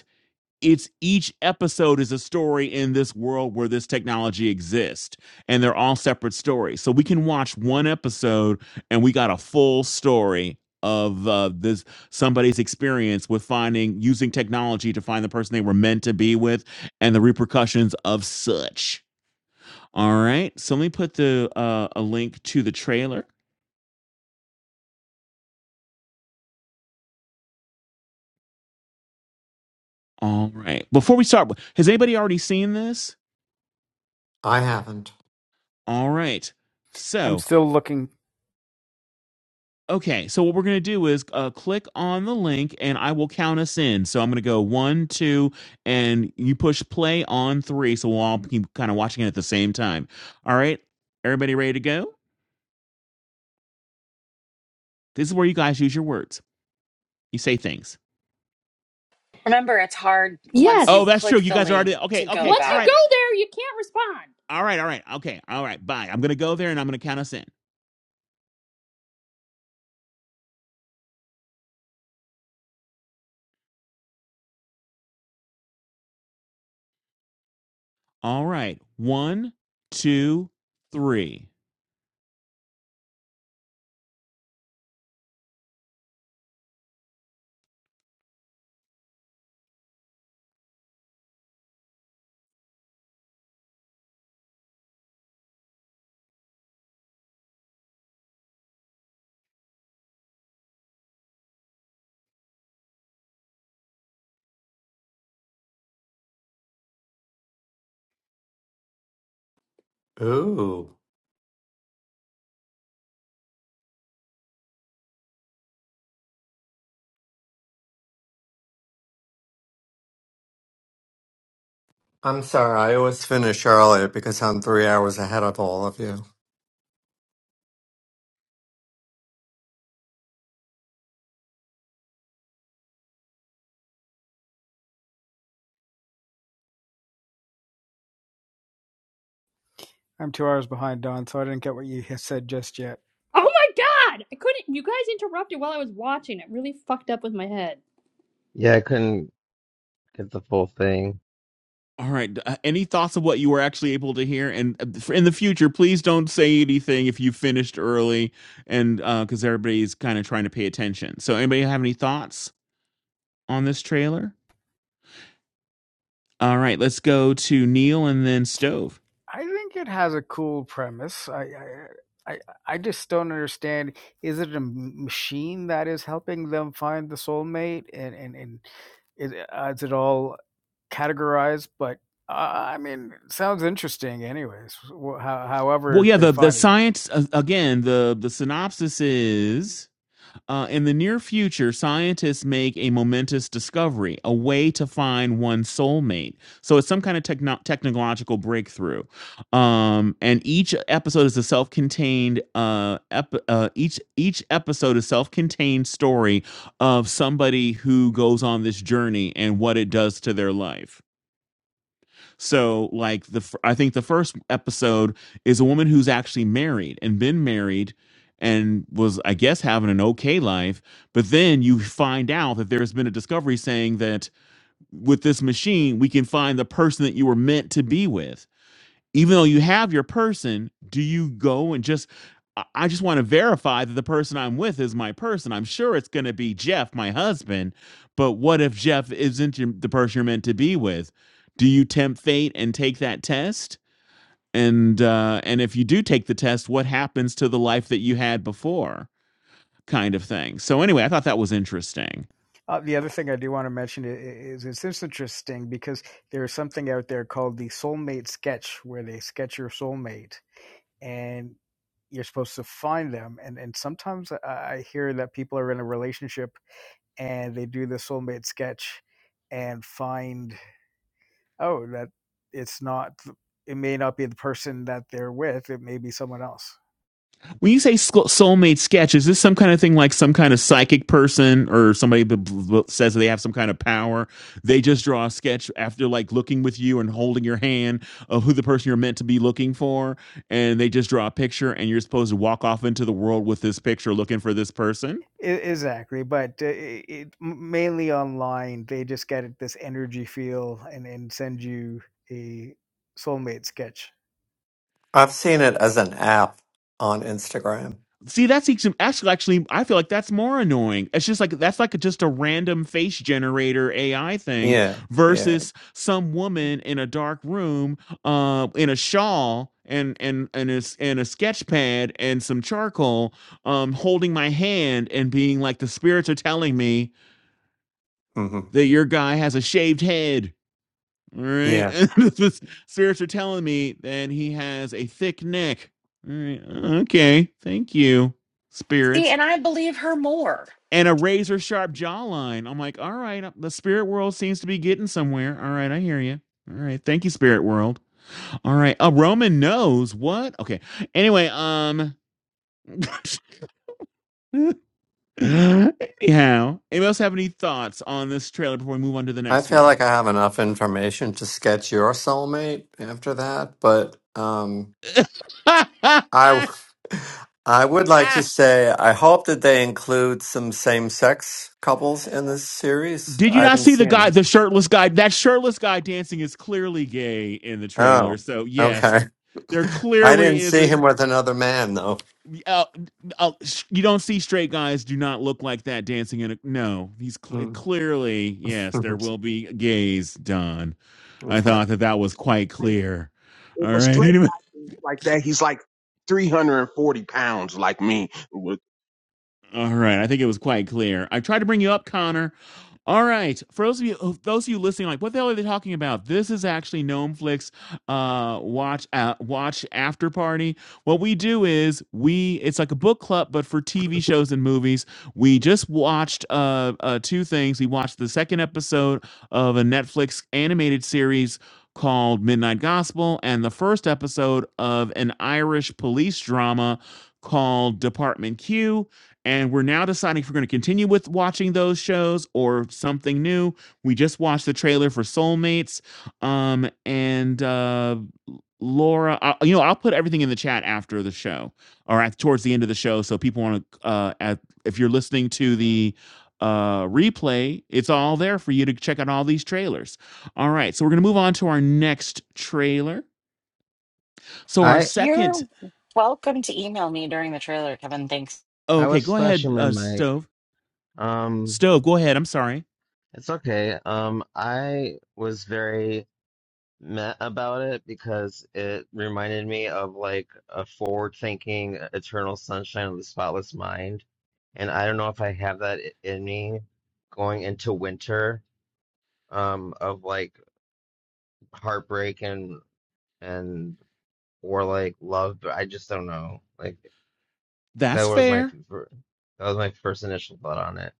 Speaker 3: it's each episode is a story in this world where this technology exists and they're all separate stories so we can watch one episode and we got a full story of uh, this somebody's experience with finding using technology to find the person they were meant to be with and the repercussions of such all right so let me put the uh, a link to the trailer all right before we start has anybody already seen this
Speaker 7: I haven't.
Speaker 3: all right
Speaker 9: I'm
Speaker 3: so
Speaker 9: still looking.
Speaker 3: Okay, so what we're gonna do is uh, click on the link, and I will count us in. So I'm gonna go one, two, and you push play on three. So we'll all keep kind of watching it at the same time. All right, everybody ready to go? This is where you guys use your words. You say things.
Speaker 1: Remember, it's hard once you
Speaker 3: Oh,
Speaker 4: Yes.
Speaker 3: that's true.
Speaker 1: click
Speaker 3: You
Speaker 1: the
Speaker 3: guys are already
Speaker 1: link
Speaker 3: okay.
Speaker 1: to go
Speaker 3: Okay,
Speaker 4: Once
Speaker 3: all
Speaker 4: you go
Speaker 3: right,
Speaker 1: back.
Speaker 4: there, you can't respond.
Speaker 3: all right, all right. Okay, all right. Bye. I'm gonna go there, and I'm gonna count us in. All right, one, two, three.
Speaker 7: Ooh. I'm sorry. I always finish early because I'm three hours ahead of all of you.
Speaker 9: I'm two hours behind Don, so I didn't get what you said just yet.
Speaker 4: Oh my god! I couldn't. You guys interrupted while I was watching. It really fucked up with my head.
Speaker 2: Yeah, I couldn't get the full thing.
Speaker 3: All right. Uh, any thoughts of what you were actually able to hear? And uh, in the future, please don't say anything if you finished early, and because uh, everybody's kind of trying to pay attention. So, anybody have any thoughts on this trailer? All right, let's go to Neil and then Stove.
Speaker 9: I think it has a cool premise. I, I, I, I just don't understand. Is it a machine that is helping them find the soulmate, and and and is, uh, is it all categorized? But uh, I mean, it sounds interesting, anyways. wh-
Speaker 3: Well,
Speaker 9: however,
Speaker 3: yeah,
Speaker 9: they're
Speaker 3: the the
Speaker 9: finding it.
Speaker 3: science uh, again. The the synopsis is Uh, in the near future, scientists make a momentous discovery, a way to find one's soulmate. So it's some kind of techno- technological breakthrough. Um, and each episode is a self-contained uh, ep- uh, each each episode is self-contained story of somebody who goes on this journey and what it does to their life. So, like the I think the first episode is a woman who's actually married and been married and was I guess having an okay life, but then you find out that there's been a discovery saying that with this machine we can find the person that you were meant to be with even though you have your person, do you go and just I- I just want to verify that the person I'm with is my person. I'm sure it's going to be Jeff, my husband, but what if Jeff isn't your, the person you're meant to be with? Do you tempt fate and take that test? And uh, and if you do take the test, what happens to the life that you had before? Kind of thing. So anyway, I thought that was interesting.
Speaker 9: Uh, the other thing I do want to mention i- is it's interesting because there is something out there called the soulmate sketch, where they sketch your soulmate and you're supposed to find them. And and sometimes I, I hear that people are in a relationship and they do the soulmate sketch and find oh that it's not it may not be the person that they're with. It may be someone else.
Speaker 3: When you say soulmate sketch, is this some kind of thing like some kind of psychic person or somebody says they have some kind of power? They just draw a sketch after like looking with you and holding your hand of who the person you're meant to be looking for, and they just draw a picture, and you're supposed to walk off into the world with this picture looking for this person.
Speaker 9: I- Exactly, but uh, it, it, mainly online, they just get this energy feel and, and send you a soulmate sketch.
Speaker 7: I've seen it as an app on Instagram.
Speaker 3: See, that's actually, I feel like that's more annoying. It's just like that's like just a random face generator AI thing
Speaker 7: Yeah. Yeah.
Speaker 3: versus some woman in a dark room, uh, in a shawl and and and a, s- and a sketch pad and some charcoal, um, holding my hand and being like, the spirits are telling me
Speaker 7: hmm
Speaker 3: that your guy has a shaved head. All right, (laughs) the spirits are telling me that he has a thick neck. All right, okay, thank you,
Speaker 1: see,
Speaker 3: spirits.
Speaker 1: and I believe her more.
Speaker 3: and a razor sharp jawline. I'm like, all right, uh, the spirit world seems to be getting somewhere. All right, I hear you. All right, thank you, spirit world. All right, a Roman nose. What? Okay. Anyway, um. (laughs) Anyhow, anybody else have any thoughts on this trailer before we move on to the
Speaker 7: I
Speaker 3: next
Speaker 7: feel
Speaker 3: one?
Speaker 7: like I have enough information to sketch your soulmate after that, but um,
Speaker 3: (laughs)
Speaker 7: I (laughs) I would like to say I hope that they include some same-sex couples in this series.
Speaker 3: Did you
Speaker 7: I
Speaker 3: not
Speaker 7: didn't
Speaker 3: see
Speaker 7: see
Speaker 3: the guy,
Speaker 7: him.
Speaker 3: the shirtless guy? That shirtless guy dancing is clearly gay in the
Speaker 7: Oh,
Speaker 3: trailer. So yes,
Speaker 7: okay.
Speaker 3: there
Speaker 7: (laughs) I
Speaker 3: clearly
Speaker 7: didn't
Speaker 3: is
Speaker 7: see
Speaker 3: a
Speaker 7: him with another man though.
Speaker 3: uh, uh, you don't see straight guys do not look like that dancing in a no he's cl-
Speaker 7: Mm.
Speaker 3: clearly
Speaker 7: (laughs)
Speaker 3: yes there will be gays done i
Speaker 7: okay.
Speaker 3: thought that that was quite clear
Speaker 8: if
Speaker 3: all
Speaker 8: a
Speaker 3: right
Speaker 8: straight
Speaker 3: anyway.
Speaker 8: guy is like that, he's like 340 pounds, like me. With-
Speaker 3: All right, I think it was quite clear. I tried to bring you up, Connor. All right, for those of you, those of you listening, like, what the hell are they talking about? This is actually Gnomeflix uh, watch uh, watch after party. What we do is we it's like a book club, but for TV shows and movies. We just watched uh, uh, two things. We watched the second episode of a Netflix animated series called Midnight Gospel, and the first episode of an Irish police drama called Department Q and we're now deciding if we're going to continue with watching those shows or something new. We just watched the trailer for Soulmates. Um, and uh, Laura, I, you know, I'll put everything in the chat after the show or at, towards the end of the show. So people want to, uh, at, if you're listening to the uh, replay, it's all there for you to check out all these trailers. All right. So we're going to move on to our next trailer. So our
Speaker 2: I
Speaker 3: second,
Speaker 1: You're welcome to email me during the trailer, Kevin. Thanks.
Speaker 3: oh,
Speaker 2: I
Speaker 3: okay,
Speaker 2: was
Speaker 3: go ahead,
Speaker 2: slashing my
Speaker 3: uh,
Speaker 2: mic.
Speaker 3: Stove.
Speaker 2: Um,
Speaker 3: Stove, go ahead. I'm sorry.
Speaker 2: it's okay. Um, I was very met about it because it reminded me of like a forward thinking eternal sunshine of the spotless mind and i don't know if i have that i- in me going into winter um of like heartbreak and and or like love but i just don't know like that
Speaker 3: That's
Speaker 2: was my f-
Speaker 3: fair.
Speaker 2: fir- that was my first initial thought on it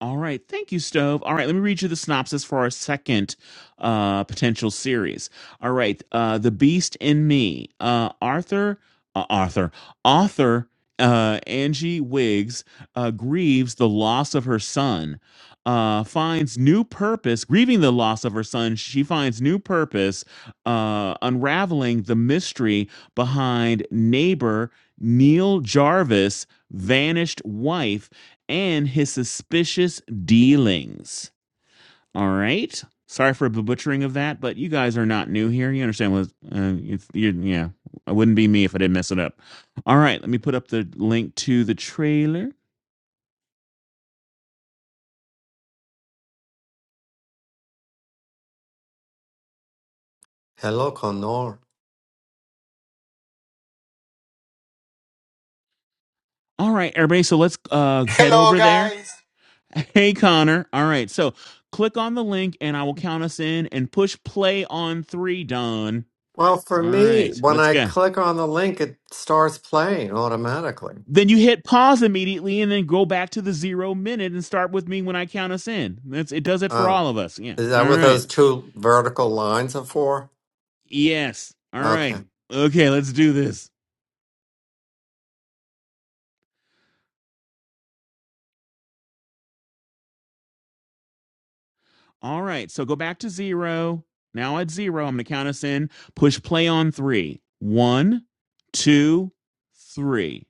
Speaker 3: All right. Thank you, Stove. All right. Let me read you the synopsis for our second uh, potential series. All right. Uh, the Beast in Me. Uh, Arthur, uh, Arthur, author uh, Angie Wiggs uh, grieves the loss of her son. Uh, finds new purpose, grieving the loss of her son. She finds new purpose, uh, unraveling the mystery behind neighbor Neil Jarvis' vanished wife and his suspicious dealings. All right. Sorry for the butchering of that, but you guys are not new here. You understand what? Uh, it's, you yeah, it wouldn't be me if I didn't mess it up. All right, let me put up the link to the trailer.
Speaker 7: Hello, Connor.
Speaker 3: All right, everybody. So let's uh, head
Speaker 10: Hello,
Speaker 3: over there.
Speaker 10: guys.
Speaker 3: Hey, Connor. All right. So click on the link, and I will count us in and push play on three. Don.
Speaker 7: Well, for
Speaker 3: All
Speaker 7: me,
Speaker 3: right.
Speaker 7: when
Speaker 3: Let's
Speaker 7: I
Speaker 3: go.
Speaker 7: click on the link, it starts playing automatically.
Speaker 3: Then you hit pause immediately and then go back to the zero minute and start with me when I count us in. That's it does it for
Speaker 7: Oh.
Speaker 3: all of us. Yeah.
Speaker 7: Is
Speaker 3: All
Speaker 7: that what
Speaker 3: right.
Speaker 7: those two vertical lines are for?
Speaker 3: Yes. All right.
Speaker 7: Okay.
Speaker 3: Okay, let's do this. All right. So go back to zero. Now at zero, I'm gonna count us in. Push play on three. One, two, three.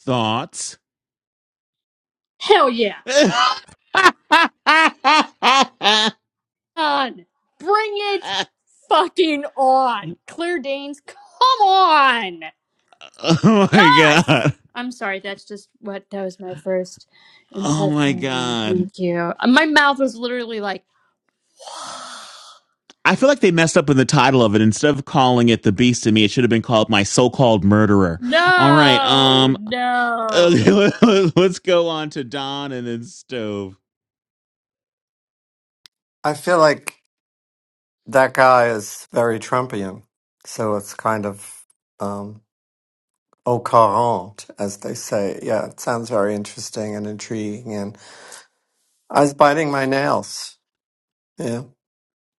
Speaker 3: Thoughts.
Speaker 4: Hell yeah!
Speaker 3: (laughs) oh
Speaker 4: On. Bring it fucking on. Claire Danes, come on!
Speaker 3: my
Speaker 4: Yes!
Speaker 3: god.
Speaker 4: I'm sorry, that's just what. That was my first
Speaker 3: Oh my
Speaker 4: impression.
Speaker 3: god.
Speaker 4: Thank you. My mouth was literally like, (gasps)
Speaker 3: I feel like they messed up in the title of it. Instead of calling it "The Beast in Me," it should have been called "My So-Called
Speaker 4: (sighs)
Speaker 3: Murderer." All right,
Speaker 4: no,
Speaker 3: um,
Speaker 4: no.
Speaker 3: uh, (laughs) let's go on to Don and then Stove.
Speaker 7: I feel like that guy is very Trumpian. So it's kind of um, au courant, as they say. Yeah, it sounds very interesting and intriguing. And I was biting my nails. Yeah.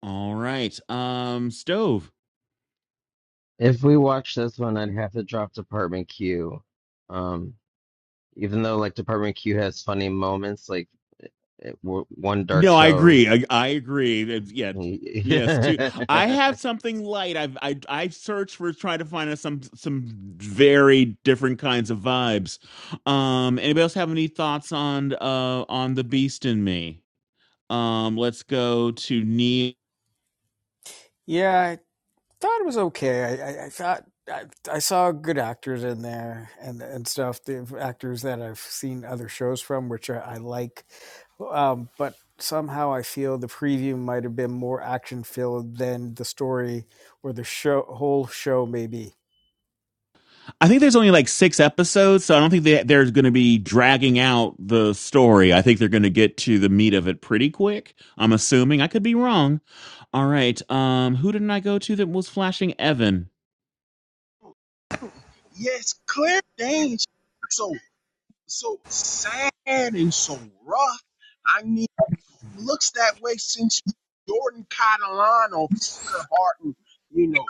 Speaker 3: All right, um, Stove.
Speaker 2: if we watch this one i'd have to drop department q um Even though like Department Q has funny moments, like it, w- one dark
Speaker 3: No, I
Speaker 2: show.
Speaker 3: agree. I, I agree. That- Yeah,
Speaker 2: (laughs) As
Speaker 3: yes, too. I have something light. I've I I've searched for trying to find some some very different kinds of vibes. Um, anybody else have any thoughts on uh on the Beast in Me? Um, let's go to Neil.
Speaker 9: yeah. thought it was okay. I, I, I thought I, I saw good actors in there and and stuff. The actors that I've seen other shows from, which I, I like, um, but somehow I feel the preview might have been more action filled than the story or the show whole show maybe.
Speaker 3: I think there's only like six episodes, so I don't think they, there's going to be dragging out the story. I think they're going to get to the meat of it pretty quick. I'm assuming. I could be wrong. All right. Um, who didn't I go to that was flashing Evan?
Speaker 8: (coughs) Yes, Claire Danes, so so sad and so rough. I mean, looks that way since Jordan caught a line on Booker Hart, and you know.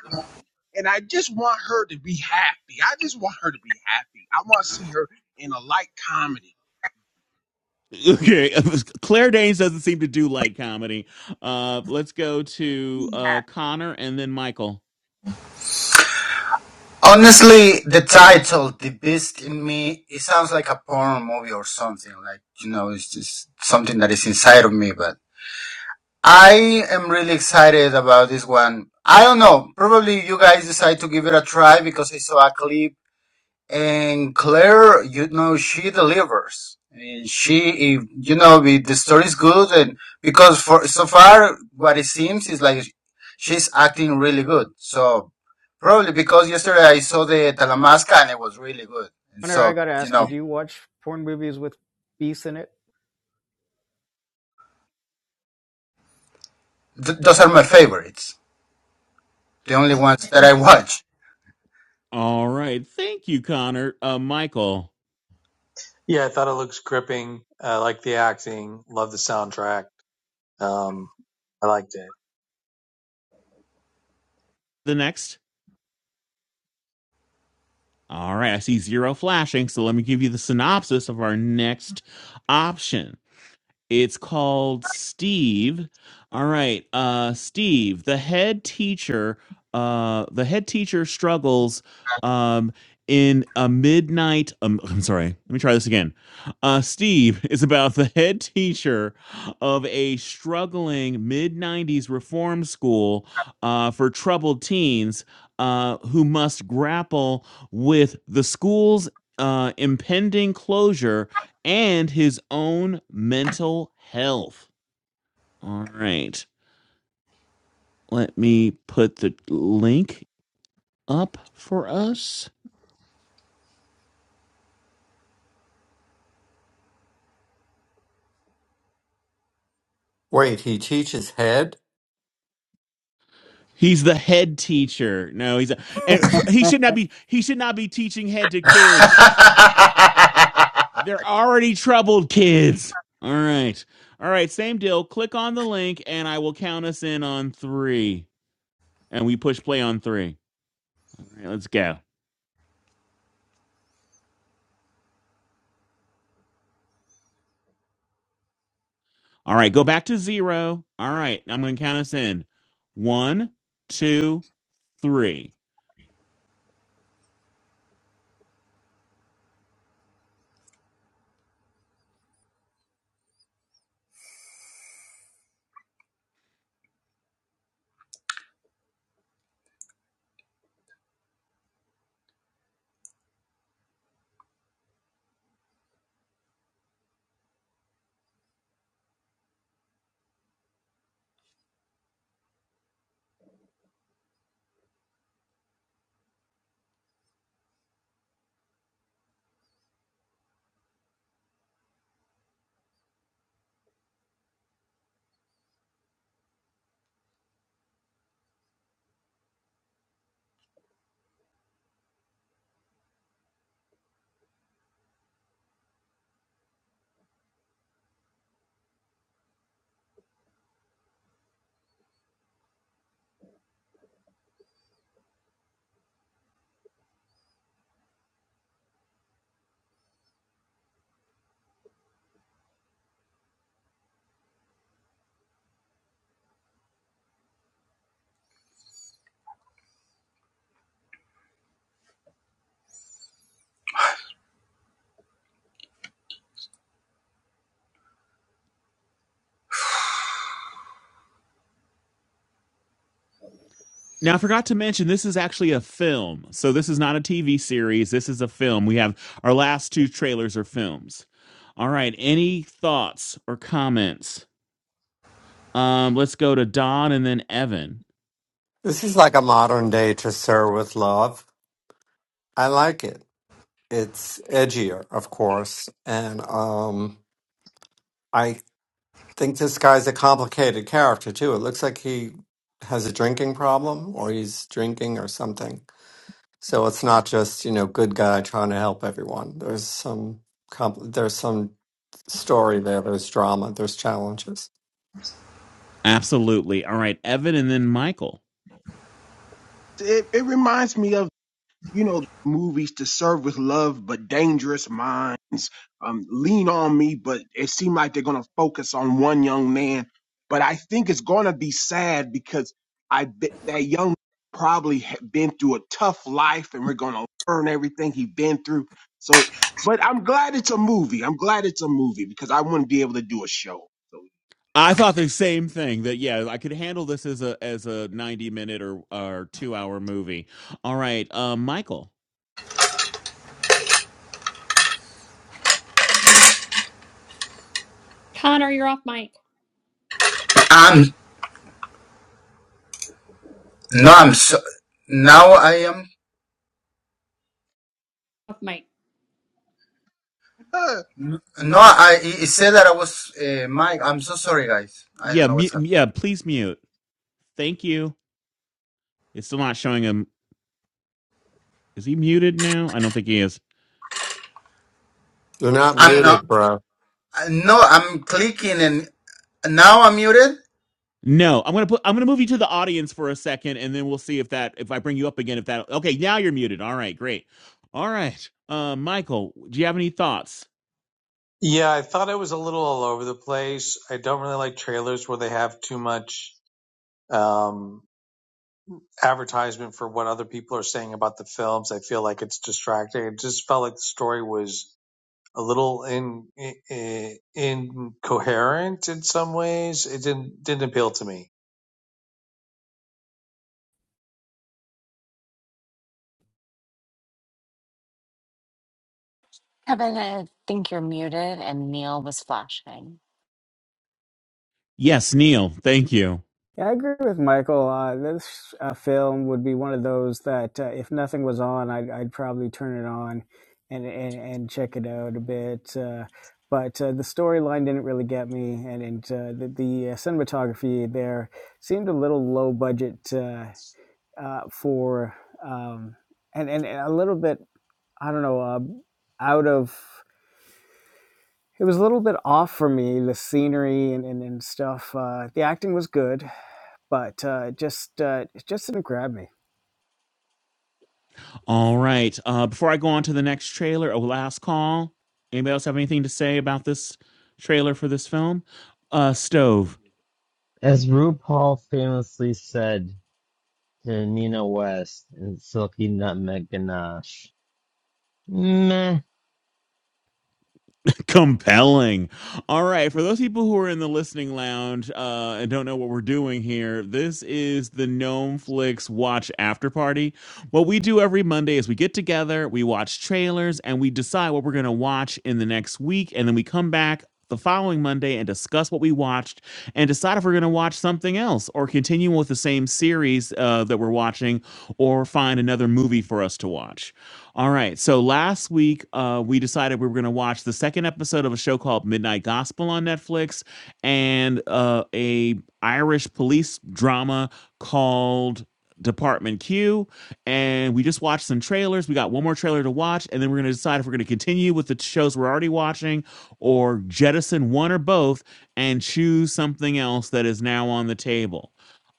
Speaker 8: And I just want her to be happy. I just want her to be happy. I want to see her in a light comedy.
Speaker 3: Okay, (laughs) Claire Danes doesn't seem to do light comedy. Uh, let's go to
Speaker 8: Be happy.
Speaker 3: uh Connor and then Michael.
Speaker 10: Honestly, the title, The Beast in Me, it sounds like a porn movie or something. Like, you know, it's just something that is inside of me, but I am really excited about this one. I don't know. Probably you guys decide to give it a try because I saw a clip And Claire, you know, she delivers. And she, if, you know, the the story is good, and because for so far, what it seems is like she's acting really good. So probably because yesterday I saw the Talamasca and it was really good. And
Speaker 9: Hunter, I
Speaker 10: so,
Speaker 9: gotta
Speaker 10: you
Speaker 9: ask you,
Speaker 10: know,
Speaker 9: do you watch porn movies with beasts in
Speaker 10: th- those are my favorites. The only ones that I watch.
Speaker 3: All right, thank you, Connor. Uh, Michael,
Speaker 5: Yeah, I thought it looks gripping. I like the acting. Love the soundtrack. Um, I liked it.
Speaker 3: the next. All right, I see zero flashing, so let me give you the synopsis of our next option. It's called Steve. All right, uh, Steve, the head teacher. Uh, the head teacher struggles um, in a midnight. Um, I'm sorry. Let me try this again. Uh, Steve is about the head teacher of a struggling mid '90s reform school uh, for troubled teens uh, who must grapple with the school's uh, impending closure and his own mental health. All right. Let me put the link up for us.
Speaker 7: Wait, he teaches head?
Speaker 3: He's the head teacher. No, he's a, and f- he
Speaker 9: it?
Speaker 3: should
Speaker 9: (laughs)
Speaker 3: not be he should not be teaching head to kids.
Speaker 10: (laughs)
Speaker 3: They're already troubled kids. All right. All right, same deal. Click on the link and I will count us in on 3 and we push play on 3. All right, let's go. All right, go back to zero. All right, I'm going to count us in. One, two, three. Now, I forgot to mention this is actually a film. So, this is not a TV series. This is a film. We have our last two trailers are films. All right, any thoughts or comments? Um, let's go to Don and then Evan.
Speaker 7: This is like a modern day to Sir with Love. I like it. It's edgier, of course. And um, I think this guy's a complicated character too. It looks like he has a drinking problem or he's drinking or something. So it's not just, you know, good guy trying to help everyone. There's some compl- there's some story there, there's drama, there's challenges.
Speaker 3: Absolutely. All right, Evan and then Michael.
Speaker 8: It, it reminds me of you know, movies to serve with love, but dangerous minds. Um, lean on me, but it seemed like they're going to focus on one young man. But I think it's going to be sad because I bet that young man probably had been through a tough life, and we're going to learn everything he's been through. So, but I'm glad it's a movie. I'm glad it's a movie because I wouldn't be able to do a show.
Speaker 3: I thought the same thing that yeah, I could handle this as a as a 90 minute or or 2 hour movie. All right, uh, Michael.
Speaker 4: Connor, you're off mic.
Speaker 10: I'm no, I'm so now I am.
Speaker 4: Off mic.
Speaker 8: So, (laughs)
Speaker 10: No, I it said that I was uh, Mike. I'm so sorry, guys. I don't
Speaker 3: Yeah,
Speaker 10: know
Speaker 3: mu-
Speaker 10: what's happening.
Speaker 3: yeah. Please mute. Thank you. It's still not showing him. Is he muted now? I don't think he is.
Speaker 7: You're not
Speaker 10: I'm not.
Speaker 7: muted, bro.
Speaker 10: No, I'm clicking, and now I'm muted.
Speaker 3: No, I'm gonna put. I'm gonna move you to the audience for a second, and then we'll see if that. If I bring you up again, if that. Okay, now you're muted. All right, great. All right, uh, Michael, do you have any thoughts?
Speaker 5: Yeah, I thought it was a little all over the place. I don't really like trailers where they have too much. um, advertisement for what other people are saying about the films. I feel like it's distracting. It just felt like the story was a little in, in incoherent in some ways. It didn't didn't appeal to me.
Speaker 1: Kevin, I think you're muted and Neil was flashing.
Speaker 3: Yes, Neil. Thank you.
Speaker 9: Yeah, I agree with Michael. Uh, this uh, film would be one of those that, uh, if nothing was on, I'd, I'd probably turn it on and, and, and check it out a bit. Uh, but uh, the storyline didn't really get me, and, and uh, the, the uh, cinematography there seemed a little low budget uh, uh, for, um, and, and, and a little bit, I don't know, uh, out of. It was a little bit off for me, the scenery and, and, and stuff. Uh, the acting was good, but uh, just uh, it just didn't grab me.
Speaker 3: All right. Uh, before I go on to the next trailer, a last call. Anybody else have anything to say about this trailer for this film? Uh, stove.
Speaker 2: RuPaul famously said to Nina West in Silky Nutmeg Ganache, meh.
Speaker 3: (laughs) compelling all right for those people who are in the listening lounge uh and don't know what we're doing here this is the gnome Flix watch after party what we do every monday is we get together we watch trailers and we decide what we're going to watch in the next week and then we come back the following Monday and discuss what we watched and decide if we're going to watch something else or continue with the same series uh, that we're watching or find another movie for us to watch. All right. So last week, uh, we decided we were going to watch the second episode of a show called Midnight Gospel on Netflix, and uh, a Irish police drama called Department Q. And we just watched some trailers. We got one more trailer to watch, and then we're going to decide if we're going to continue with the shows we're already watching, or jettison one or both and choose something else that is now on the table.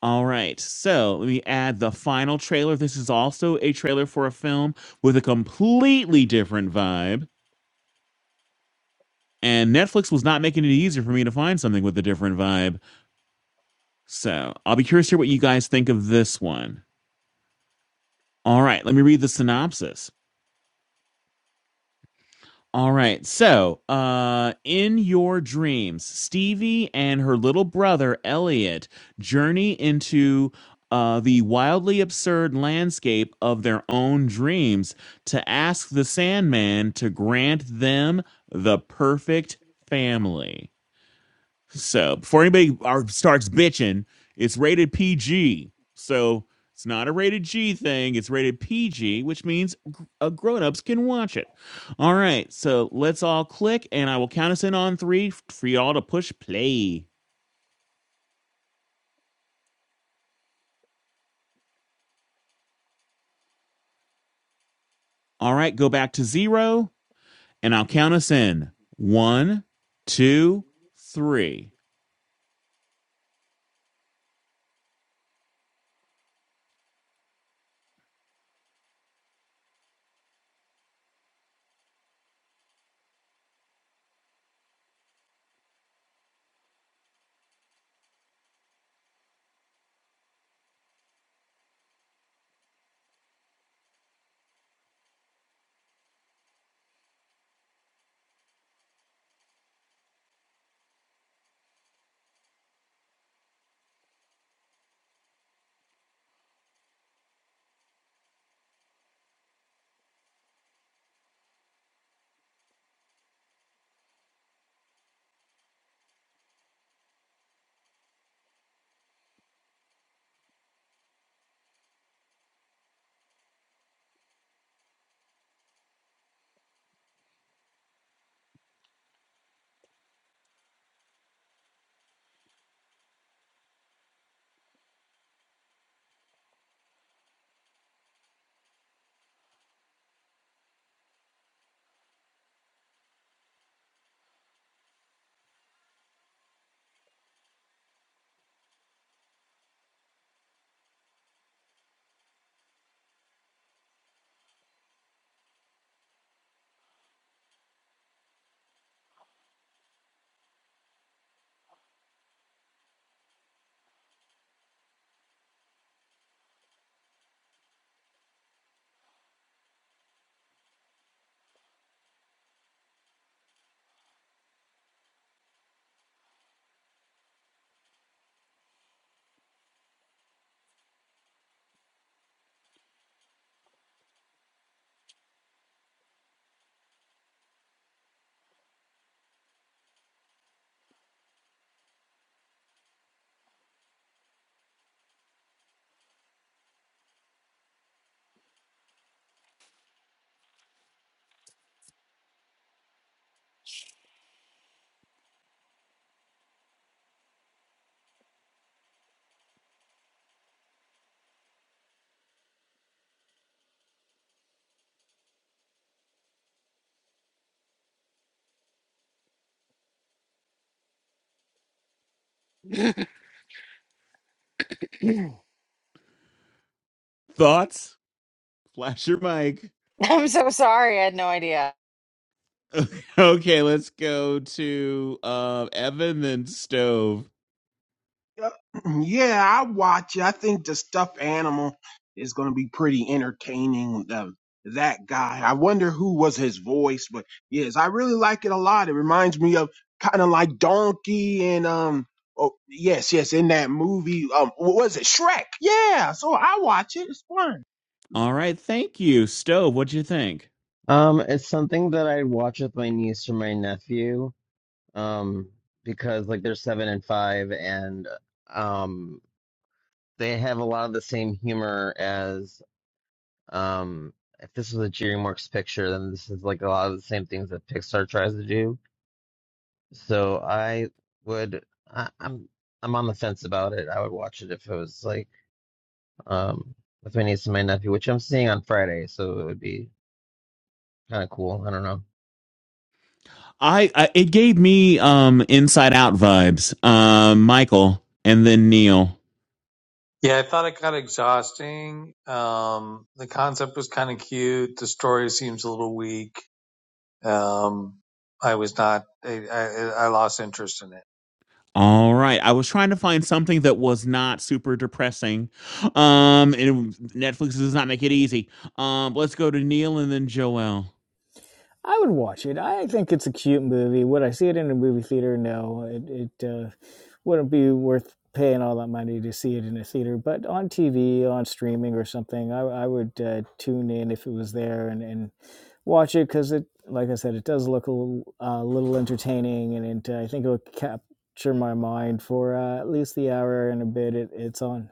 Speaker 3: All right, so let me add the final trailer. This is also a trailer for a film with a completely different vibe. And Netflix was not making it easier for me to find something with a different vibe. So I'll be curious to hear what you guys think of this one. All right, let me read the synopsis. All right, so uh, in your dreams, Stevie and her little brother Elliot journey into uh, the wildly absurd landscape of their own dreams to ask the Sandman to grant them the perfect family. So before anybody are, starts bitching, it's rated PG. So it's not a rated G thing. It's rated PG, which means gr- uh, grown-ups can watch it. All right. So let's all click, and I will count us in on three f- for y'all to push play. All right. Go back to zero, and I'll count us in. One, two, three. Thoughts? Flash your mic. (laughs)
Speaker 1: (laughs) I'm so sorry. I had no idea.
Speaker 3: Okay, let's go to uh, Evan, then Stove.
Speaker 8: Yep. (clears throat) Yeah, I watch it. I think the stuffed animal is going to be pretty entertaining. Um, that guy. I wonder who was his voice, but yes, I really like it a lot. It reminds me of kind of like Donkey and um. Oh yes, yes, in that movie. Um, what was it Shrek? Yeah. So I watch it. It's fun.
Speaker 3: All right, thank you, Stove. What'd you think?
Speaker 2: Um, it's something that I watch with my niece or my nephew, um, because like they're seven and five, and um, they have a lot of the same humor as Um, if this was a Dreamworks picture, then this is like a lot of the same things that Pixar tries to do. So I would, I, I'm, I'm on the fence about it. I would watch it if it was like, um, with my niece and my nephew, which I'm seeing on Friday, so it would be kind of cool. I don't know.
Speaker 3: I, I it gave me um Inside Out vibes. Um, Michael and then Neil.
Speaker 5: Yeah, I thought it got exhausting. Um, the concept was kind of cute. The story seems a little weak. Um, I was not. I, I, I lost interest in it.
Speaker 3: All right, I was trying to find something that was not super depressing. Um, and Netflix does not make it easy. Um, let's go to Neil and then Joel.
Speaker 9: I would watch it. I think it's a cute movie. Would I see it in a movie theater? No, it it uh, wouldn't be worth paying all that money to see it in a theater. But on TV, on streaming or something, I I would uh, tune in if it was there and and watch it because it, like I said, it does look a little, uh, little entertaining and it, uh, I think it'll capture my mind for uh, at least the hour and a bit it, it's on.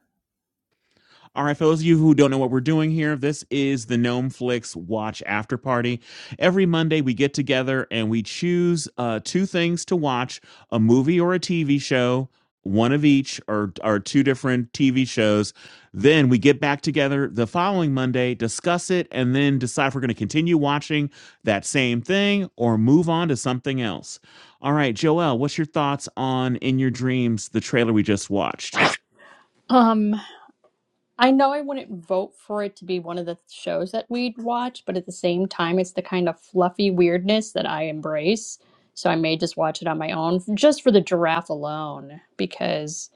Speaker 3: All right, for those of you who don't know what we're doing here, this is the Gnome Flix Watch After Party. Every Monday, we get together and we choose uh, two things to watch a movie or a TV show, one of each, or, or two different TV shows. Then we get back together the following Monday, discuss it, and then decide if we're going to continue watching that same thing or move on to something else. All right, Joel, what's your thoughts on In Your Dreams, the trailer we just watched?
Speaker 4: Um. I know I wouldn't vote for it to be one of the shows that we'd watch, but at the same time, it's the kind of fluffy weirdness that I embrace. So I may just watch it on my own just for the giraffe alone, because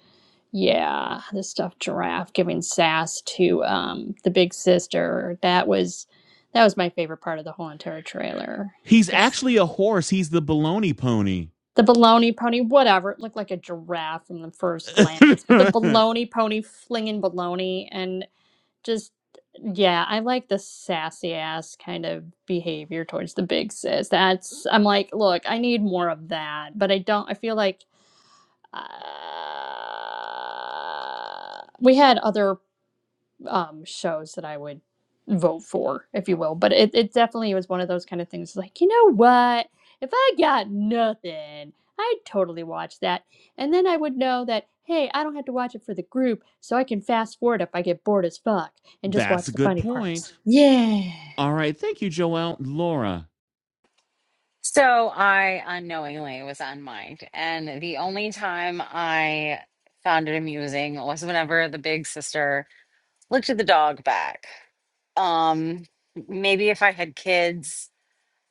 Speaker 4: yeah, the stuffed giraffe giving sass to um, the big sister that was that was my favorite part of the whole entire trailer.
Speaker 3: He's
Speaker 4: The
Speaker 3: actually a horse. He's the baloney pony.
Speaker 4: baloney pony, whatever, it looked like a giraffe from the first glance, but the
Speaker 3: (laughs)
Speaker 4: baloney pony flinging baloney, and just yeah i like the sassy ass kind of behavior towards the big sis that's i'm like look i need more of that but i don't i feel like uh, we had other um, shows that I would vote for, if you will. But it, it definitely was one of those kind of things like, you know what? If I got nothing, I'd totally watch that. And then I would know that, hey, I don't have to watch it for the group, so I can fast forward if I get bored as fuck and just
Speaker 3: That's
Speaker 4: watch
Speaker 3: a
Speaker 4: the
Speaker 3: good
Speaker 4: funny parts.
Speaker 3: point.
Speaker 4: Yeah.
Speaker 3: All right. Thank you, Joelle. Laura.
Speaker 1: So I unknowingly was unmiked. And the only time I found it amusing was whenever the big sister looked at the dog back. Um, maybe if I had kids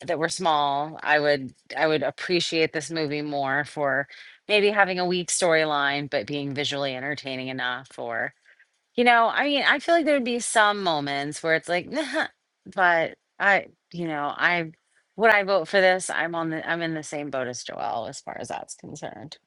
Speaker 1: that were small, I would I would appreciate this movie more for maybe having a weak storyline, but being visually entertaining enough or You know, I mean, I feel like there would be some moments where it's like, nah, but I, you know, I would I vote for this? I'm on the I'm in the same boat as Joelle as far as that's concerned.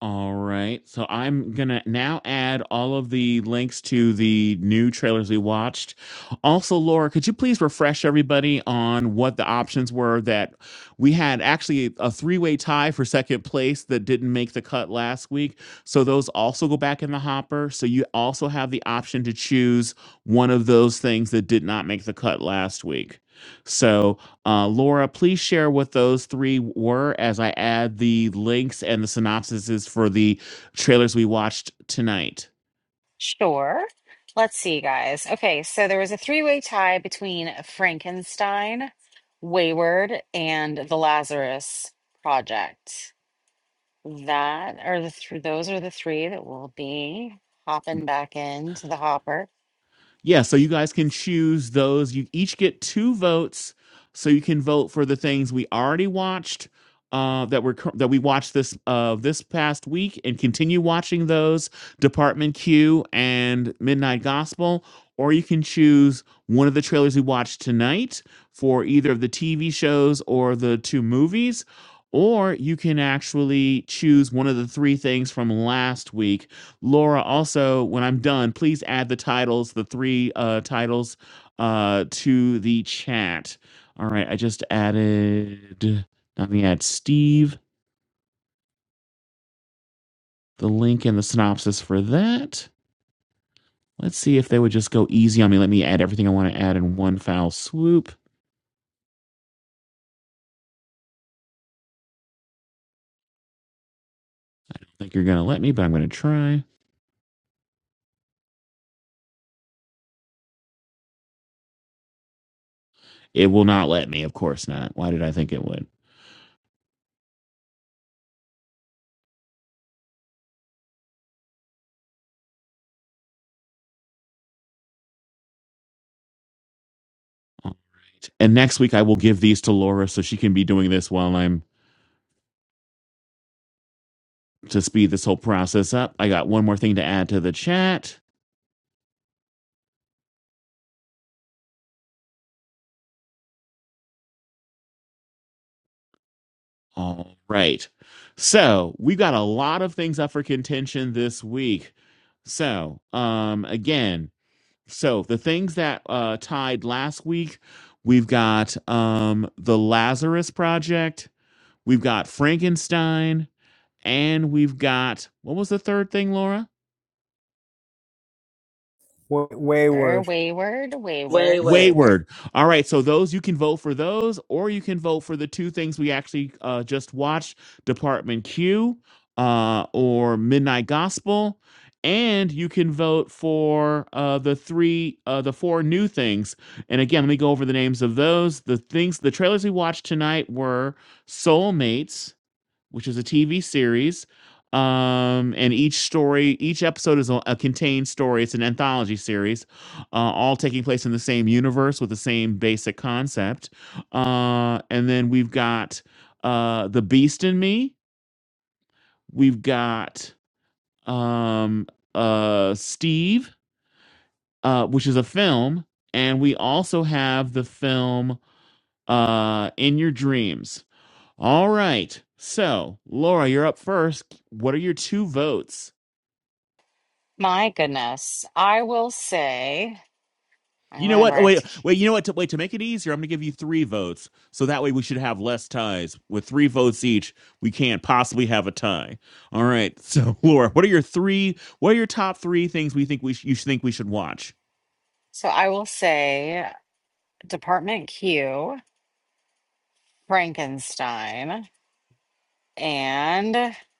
Speaker 3: All right. So I'm going to now add all of the links to the new trailers we watched. Also, Laura, could you please refresh everybody on what the options were that we had actually a three way tie for second place that didn't make the cut last week? So those also go back in the hopper. So you also have the option to choose one of those things that did not make the cut last week. So uh, Laura, please share what those three were as I add the links and the synopsises for the trailers we watched tonight.
Speaker 1: Sure. Let's see, guys. Okay, so there was a three-way tie between Frankenstein, Wayward, and the Lazarus Project. That are the th those are the three that will be hopping back into the hopper.
Speaker 3: Yeah, so you guys can choose those. You each get two votes, so you can vote for the things we already watched uh, that were cur- that we watched this uh, this past week, and continue watching those Department Q and Midnight Gospel. Or you can choose one of the trailers we watched tonight for either of the TV shows or the two movies. Or you can actually choose one of the three things from last week Laura, also, when I'm done, please add the titles, the three uh, titles, uh, to the chat. All right, I just added, let me add Steve, the link and the synopsis for that. Let's see if they would just go easy on me. Let me add everything I want to add in one foul swoop. I think you're going to let me, but I'm going to try. It will not let me, of course not. Why did I think it would? All right. And next week, I will give these to Laura so she can be doing this while I'm to speed this whole process up, I got one more thing to add to the chat. All right. So we've got a lot of things up for contention this week. So, um, again, so the things that uh, tied last week, we've got um, the Lazarus Project, we've got Frankenstein, and we've got what was the third thing, Laura?
Speaker 1: Er,
Speaker 9: Wayward.
Speaker 1: Wayward,
Speaker 6: Way
Speaker 1: Wayward,
Speaker 6: work.
Speaker 1: Wayward.
Speaker 3: Wayward. All right, so those you can vote for those, or you can vote for the two things we actually uh, just watched: Department Q uh, or Midnight Gospel, and you can vote for uh, the three, uh, the four new things. And again, let me go over the names of those. The things, the trailers we watched tonight were Soulmates which is a TV series. Um, and each story, each episode is a, a contained story. It's an anthology series, uh, all taking place in the same universe with the same basic concept. Uh, and then we've got uh, The Beast in Me. We've got um, uh, Steve, uh, which is a film. And we also have the film uh, In Your Dreams All right. So, Laura, you're up first. What are your two votes?
Speaker 1: My goodness. I will say, I
Speaker 3: You know
Speaker 1: remember
Speaker 3: what? Oh,
Speaker 1: I have to,
Speaker 3: wait,
Speaker 1: ke-
Speaker 3: wait. You know what? To, wait. To make it easier, I'm going to give you three votes. So that way, we should have less ties. With three votes each, we can't possibly have a tie. All right. So, (laughs) Laura, what are your three? What are your top three things we think we sh- you think we should watch?
Speaker 1: so I will say Department Q, Frankenstein, and (laughs)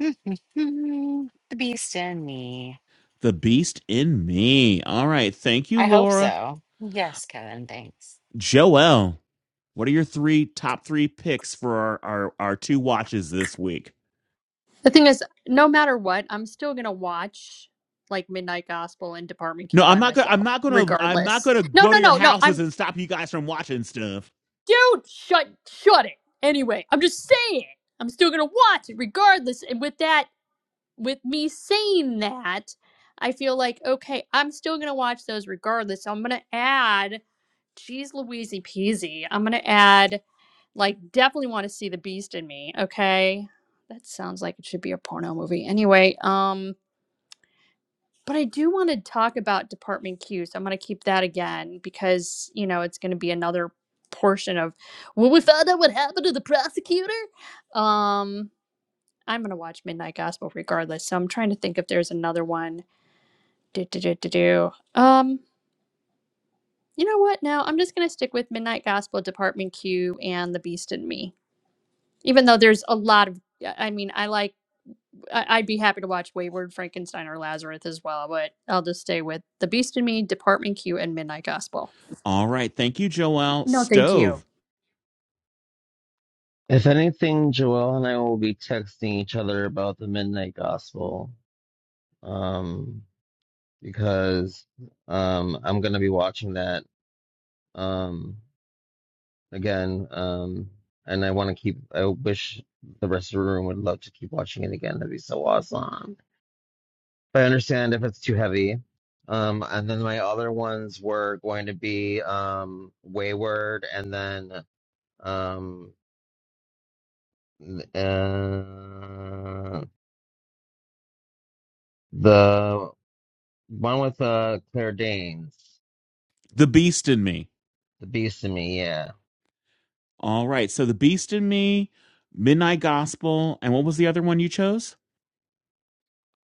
Speaker 1: The Beast in Me.
Speaker 3: The Beast in Me. All right. Thank you,
Speaker 1: I hope
Speaker 3: Laura.
Speaker 1: so. Yes, Kevin, thanks.
Speaker 3: Joel, what are your three top three picks for our our, our two watches this week?
Speaker 4: The thing is, no matter what, I'm still going to watch like Midnight Gospel and Department
Speaker 3: No,
Speaker 4: Q
Speaker 3: I'm
Speaker 4: by
Speaker 3: not gonna. I'm
Speaker 4: myself,
Speaker 3: not gonna. I'm not
Speaker 4: regardless.
Speaker 3: gonna
Speaker 4: No,
Speaker 3: go
Speaker 4: no,
Speaker 3: to your
Speaker 4: no, no. I'm
Speaker 3: houses and stop you guys from watching stuff.
Speaker 4: dude, shut, shut it. Anyway, I'm just saying, I'm still gonna watch it regardless. And with that, with me saying that, I feel like okay, I'm still gonna watch those regardless. So I'm gonna add, geez, Louise Peasy. I'm gonna add, like, definitely want to see the Beast in me. Okay, that sounds like it should be a porno movie. Anyway, um. But I do want to talk about Department Q. So I'm going to keep that again because, you know, it's going to be another portion of when we found out what happened to the prosecutor. Um, I'm going to watch Midnight Gospel regardless. So I'm trying to think if there's another one. Do, do, do, do, do. Um, you know what? No, I'm just going to stick with Midnight Gospel, Department Q, and The Beast in Me. Even though there's a lot of, I mean, I like. I, I'd be happy to watch Wayward Frankenstein or Lazarus as well, but I'll just stay with The Beast in Me, Department Q, and Midnight Gospel.
Speaker 3: All right, thank you, Joelle.
Speaker 4: No, thank you.
Speaker 3: Stove,
Speaker 2: If anything, Joelle and I will be texting each other about the Midnight Gospel, um, because um, I'm gonna be watching that. Um, again. Um, and I want to keep. I wish the rest of the room would love to keep watching it again. That'd be so awesome. But I understand if it's too heavy. Um, and then my other ones were going to be um, Wayward, and then um, uh, the one with uh, Claire Danes,
Speaker 3: the Beast in me.
Speaker 2: the Beast in Me. Yeah.
Speaker 3: All right, so the Beast in me, Midnight Gospel, and what was the other one you chose?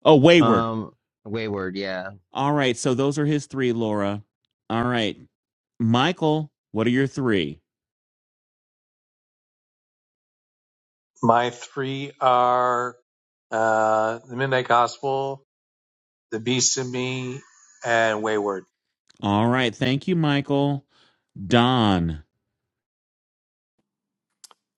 Speaker 3: Oh, Wayward.
Speaker 2: Um, Wayward. Yeah.
Speaker 3: All right, so those are his three, Laura. All right, Michael, what are your three?
Speaker 5: My three are uh, the Midnight Gospel, The Beast in Me, and Wayward.
Speaker 3: All right, thank you, Michael. Don.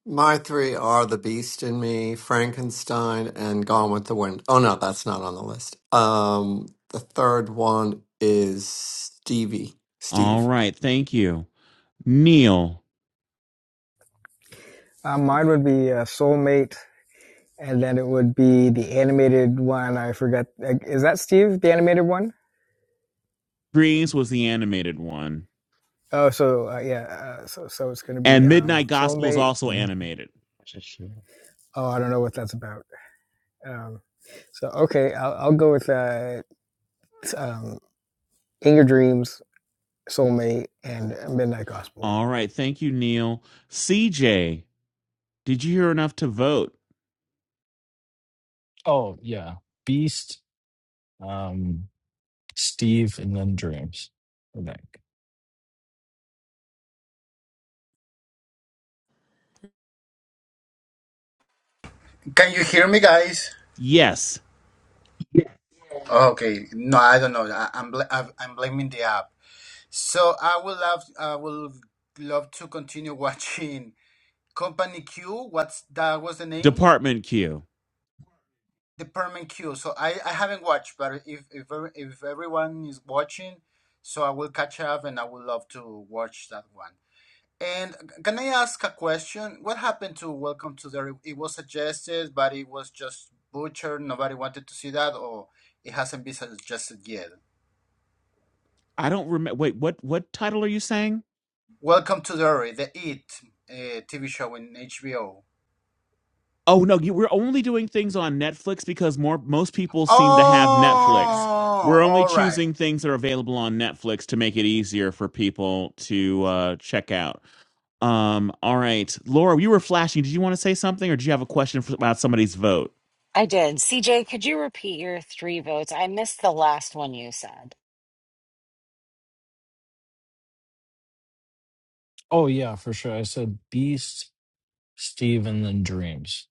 Speaker 7: My three are The Beast in Me, Frankenstein, and Gone with the Wind. Oh no, that's not on the list. Um the third one is Stevie.
Speaker 3: All
Speaker 7: Steve.
Speaker 3: right, thank you. Neil.
Speaker 9: Uh, mine would be uh, Soulmate and then it would be the A one
Speaker 3: Dreams was the animated one,
Speaker 9: of
Speaker 3: and Midnight Gospel is also
Speaker 2: Which
Speaker 3: animated.
Speaker 2: is sure.
Speaker 9: our um, soul.
Speaker 3: All right. Thank you, Neil. CJ, did you hear enough to vote?
Speaker 11: Oh yeah, Beast, um, Steve, and then Dreams. I think.
Speaker 10: Can you hear me, guys?
Speaker 3: Yes.
Speaker 10: Okay. No, I don't know. I, I'm bl- I've- I'm blaming the app. So I would love I would love to continue (laughs) watching Company Q. What's that? Was the name?
Speaker 3: Department Q.
Speaker 10: Department Q. So I, I haven't watched, but if if if everyone is watching, so I will catch up, and I would love to watch that one. And c- can I ask a question? What happened to Welcome to the? Re- It was suggested, but it was just butchered. Nobody wanted to see that, or it hasn't been suggested yet.
Speaker 3: I don't remember. Wait, what, what title are you saying?
Speaker 10: Welcome to the Re- the It uh, TV show in HBO.
Speaker 3: Oh, no. You, we're only doing things on Netflix because more most people seem to have Netflix.
Speaker 10: Oh,
Speaker 3: We're only
Speaker 10: all right.
Speaker 3: choosing things that are available on Netflix to make it easier for people to uh, check out. Um, all right. Laura, you were flashing. Did you want to say something or do you have a question for, about somebody's vote?
Speaker 1: I did. CJ, could you repeat your three votes? I missed the last one you said.
Speaker 11: Oh yeah, for sure. I said Beast, Steve, and then Dreams.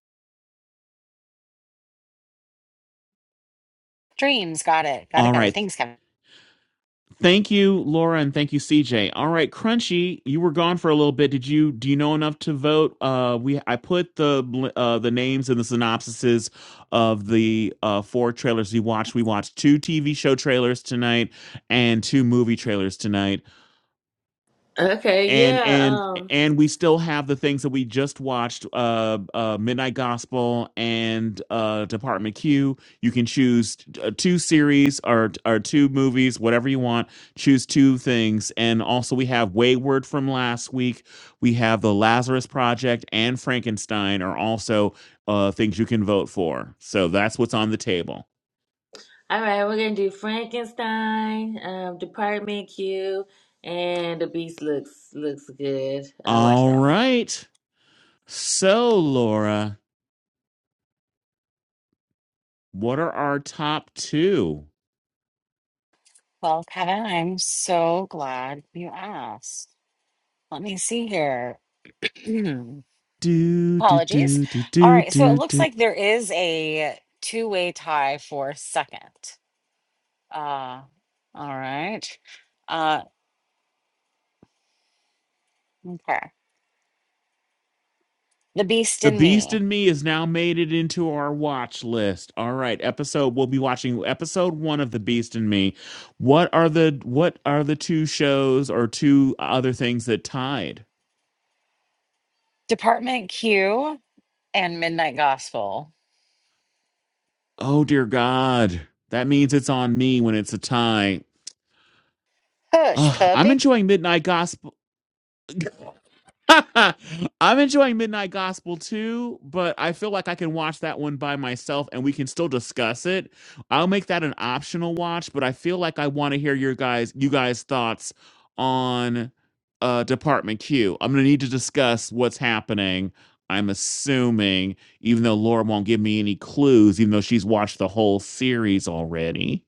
Speaker 1: Dreams, got it. Got it,
Speaker 3: All
Speaker 1: got it.
Speaker 3: right.
Speaker 1: Thanks, Kevin.
Speaker 3: Thank you, Laura, and thank you, CJ. All right, Crunchy, you were gone for a little bit. Did you do you know enough to vote? Uh, we I put the uh, the names and the synopsises of the uh, four trailers we watched. We watched two TV show trailers tonight and two movie trailers tonight
Speaker 6: Okay,
Speaker 3: and
Speaker 6: yeah.
Speaker 3: and
Speaker 6: Um
Speaker 3: and we still have the things that we just watched uh, uh midnight gospel and uh department q you can choose uh, two series or or two movies whatever you want choose two things and also we have wayward from last week we have the lazarus project and frankenstein are also uh things you can vote for so that's what's on the table
Speaker 6: all right, we're gonna do Frankenstein, um, Department Q, and The Beast looks looks good. I'll watch
Speaker 3: all
Speaker 6: that one.
Speaker 3: right so laura what are our top two
Speaker 1: Well, Kevin, I'm so glad you asked. Let me see here. (clears throat)
Speaker 3: Do do
Speaker 1: Apologies.
Speaker 3: do do
Speaker 1: All
Speaker 3: do
Speaker 1: right, so it
Speaker 3: do
Speaker 1: looks
Speaker 3: do.
Speaker 1: like there is a two-way tie for second. Uh, all right. Uh, okay. The Beast
Speaker 3: The
Speaker 1: in
Speaker 3: Beast
Speaker 1: Me,
Speaker 3: in Me is now made it into our watch list. All right, episode we'll be watching episode one of The Beast in Me. What are the what are the two shows or two other things that tied?
Speaker 1: Department Q, and Midnight Gospel.
Speaker 3: Oh dear God, that means it's on me when it's a tie.
Speaker 1: Hush,
Speaker 3: Ugh, I'm
Speaker 1: puppy.
Speaker 3: enjoying Midnight Gospel. (laughs) I'm enjoying Midnight Gospel too, but I feel like I can watch that one by myself and we can still discuss it. I'll make that an optional watch, but I feel like I want to hear your guys you guys thoughts on uh Department Q. I'm going to need to discuss what's happening. I'm assuming even though Laura won't give me any clues even though she's watched the whole series already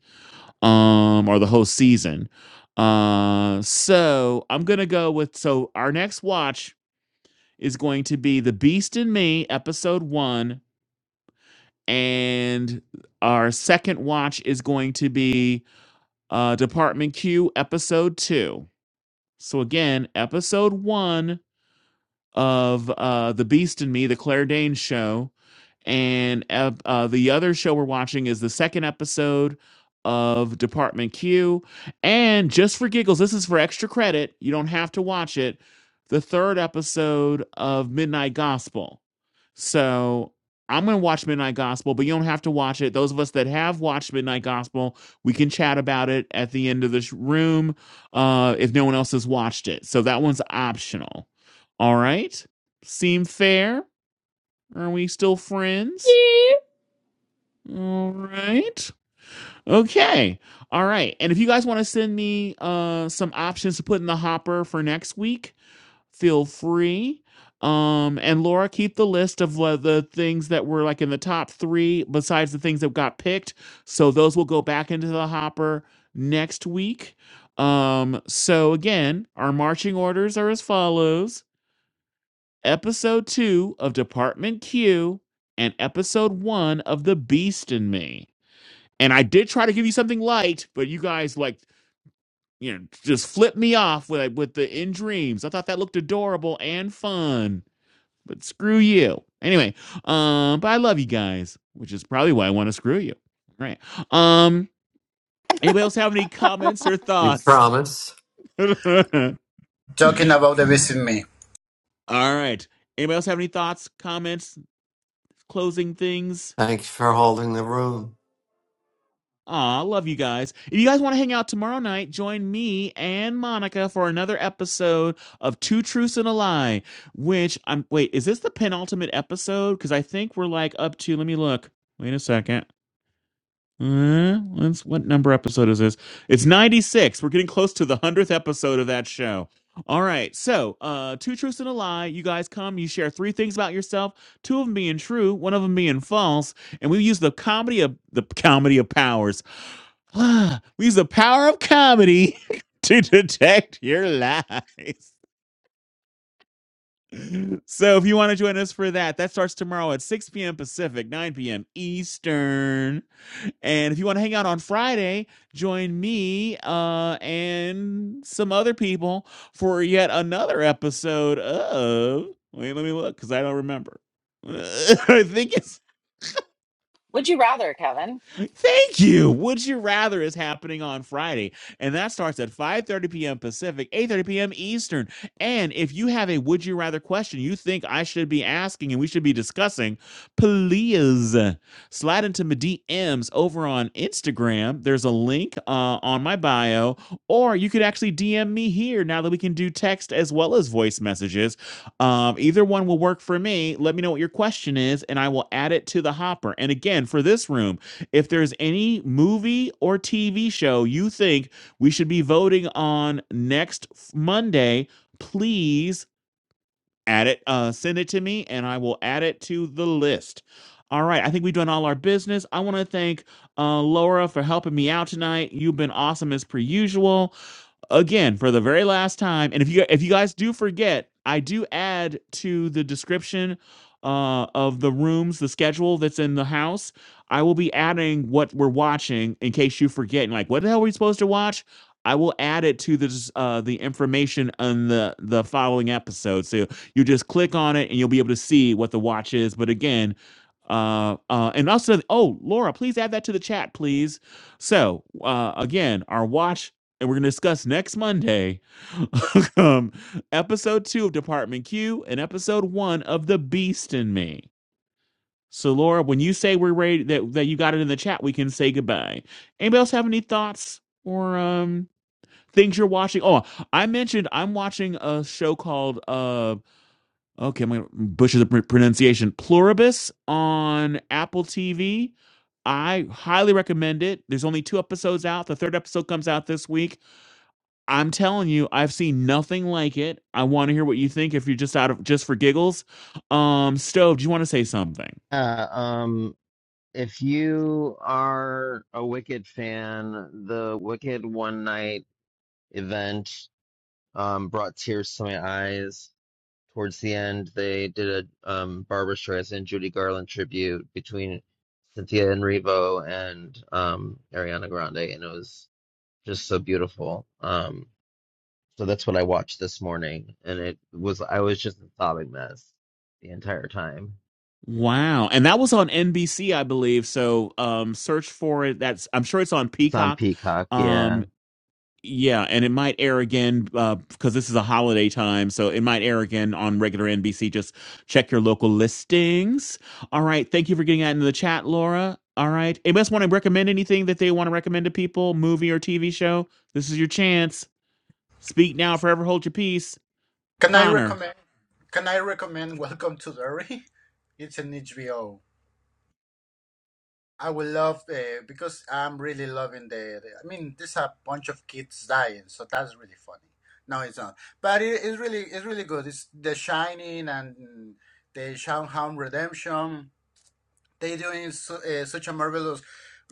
Speaker 3: um or the whole season. Uh so I'm going to go with so our next watch is going to be The Beast in Me, episode one. And our second watch is going to be uh, Department Q, episode two. So, again, episode one of uh, The Beast in Me, The Claire Danes show. And uh, uh, the other show we're watching is the second episode of Department Q. And just for giggles, this is for extra credit. You don't have to watch it. The third episode of Midnight Gospel. So I'm going to watch Midnight Gospel, but you don't have to watch it. Those of us that have watched Midnight Gospel, we can chat about it at the end of this room uh, if no one else has watched it. So that one's optional. All right. Seem fair? Are we still friends?
Speaker 4: Yeah.
Speaker 3: All right. Okay. All right. And if you guys want to send me uh, some options to put in the hopper for next week, feel free. Um, and Laura, keep the list of what the things that were like in the top three, besides the things that got picked. So those will go back into the hopper next week. Um, so again, our marching orders are as follows episode two of Department Q and episode one of The Beast in Me. And I did try to give you something light, but you guys like you know just flipped me off with like, with the in dreams. I thought that looked adorable and fun but screw you. Anyway, um, but I love you guys, which is probably why I want to screw you. All right. Um, anybody else have any comments or
Speaker 7: You
Speaker 3: thoughts?
Speaker 7: promise?
Speaker 3: (laughs) All
Speaker 10: Talking about the Visit Me.
Speaker 3: right. Anybody else have any thoughts, comments, closing things?
Speaker 7: Thanks for holding the room.
Speaker 3: Aw, love you guys. If you guys want to hang out tomorrow night, join me and Monica for another episode of Two Truths and a Lie. Which I'm wait, is this the penultimate episode? Because I think we're like up to let me look. Wait a second. Uh, that's what number episode is this? It's 96. We're getting close to the 100th episode of that show. All right. So, uh, two truths and a lie. You guys come, you share three things about yourself, two of them being true, one of them being false. And we use the comedy of the comedy of powers. (sighs) we use the power of comedy (laughs) to detect your lies. So, if you want to join us for that, that starts tomorrow at 6 p.m. Pacific, 9 p.m. Eastern. And if you want to hang out on Friday, join me uh, and some other people for yet another episode of. Wait, let me look because I don't remember. (laughs) I think it's
Speaker 1: Would you rather, Kevin?
Speaker 3: Thank you. Would you rather is happening on Friday, and that starts at 5:30 p.m. Pacific, 8:30 p.m. Eastern. And if you have a would you rather question you think I should be asking and we should be discussing, please slide into my DMs over on Instagram. There's a link uh, on my bio, or you could actually DM me here. Now that we can do text as well as voice messages, um, either one will work for me. Let me know what your question is, and I will add it to the hopper. And again, for this room. If there's any movie or TV show you think we should be voting on next Monday, please add it, uh, send it to me, and I will add it to the list. All right, I think we've done all our business. I want to thank uh, Laura for helping me out tonight. You've been awesome as per usual again for the very last time and if you if you guys do forget i do add to the description uh, of the rooms the schedule that's in the house i will be adding what we're watching in case you forget and like what the hell are we supposed to watch i will add it to this uh, the information on the the following episode so you just click on it and you'll be able to see what the watch is but again uh uh and also oh laura please add that to the chat please so uh again our watch and we're going to discuss next Monday (laughs) um, episode two of Department Q and episode one of The Beast in Me. So, Laura, when you say we're ready, that, that you got it in the chat, we can say goodbye. Anybody else have any thoughts or um, things you're watching? Oh, I mentioned I'm watching a show called, uh, okay, I'm going to butcher the pr- pronunciation, Pluribus on Apple TV. I highly recommend it. There's only two episodes out. The third episode comes out this week. I'm telling you, I've seen nothing like it. I want to hear what you think if you're just out of just for giggles. Um, Stove, do you want to say something?
Speaker 2: Yeah. Um. If you are a Wicked fan, the Wicked One Night event um, brought tears to my eyes. Towards the end, they did a um, Barbra Streisand, Judy Garland tribute between Cynthia Erivo and um, Ariana Grande, and it was just so beautiful. Um, so that's what I watched this morning, and it was I was just a sobbing mess the entire time.
Speaker 3: Wow. And that was on NBC, I believe. So um search for it. That's I'm sure it's on
Speaker 2: It's on
Speaker 3: Peacock.
Speaker 2: Peacock,
Speaker 3: Um
Speaker 2: yeah.
Speaker 3: yeah, and it might air again because uh, this is a holiday time, so it might air again on regular NBC. Just check your local listings. All right, thank you for getting that into the chat, Laura. All right, anybody else want to recommend anything that they want to recommend to people, movie or TV show? This is your chance. Speak now, forever hold your peace,
Speaker 10: Can I
Speaker 3: Connor.
Speaker 10: recommend? Can I recommend Welcome to the? Re? (laughs) It's an HBO. I would love uh, because I'm really loving the, the. I mean, there's a bunch of kids dying, so that's really funny. No, it's not, but it, it's really it's really good. It's The Shining and the Shawshank Redemption. They're doing su uh, such a marvelous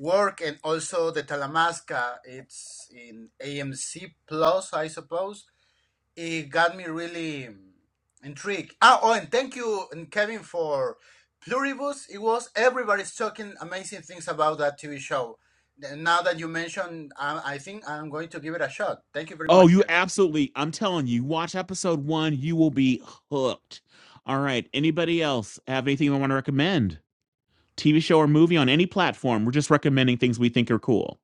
Speaker 10: work, and also the Talamasca. It's in AMC Plus, I suppose it got me really mm, intrigued. Ah, oh, and thank you, and Kevin, for Pluribus. It was everybody's talking amazing things about that TV show. Now that you mentioned, I, I think I'm going to give it a shot. Thank you very
Speaker 3: Oh,
Speaker 10: much,
Speaker 3: you
Speaker 10: Kevin.
Speaker 3: absolutely! I'm telling you, watch episode one. You will be hooked. All right. Anybody else have anything they want to recommend? TV show or movie on any platform. We're just recommending things we think are cool.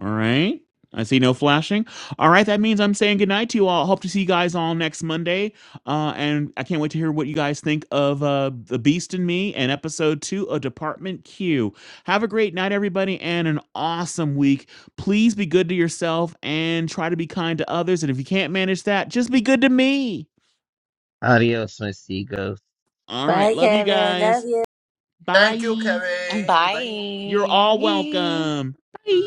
Speaker 3: All right. I see no flashing. All right. That means I'm saying goodnight to you all. Hope to see you guys all next Monday. Uh, and I can't wait to hear what you guys think of uh, The Beast and Me and episode two of Department Q. Have a great night, everybody, and an awesome week. Please be good to yourself and try to be kind to others. And if you can't manage that, just be good to me.
Speaker 2: Adios, my seagulls.
Speaker 3: All right.
Speaker 6: Bye,
Speaker 3: Love you
Speaker 6: Kevin. Love
Speaker 3: guys.
Speaker 6: you.
Speaker 10: Thank you,
Speaker 3: Bye.
Speaker 10: Kevin. Bye.
Speaker 3: You're all
Speaker 1: Bye.
Speaker 3: welcome. Bye.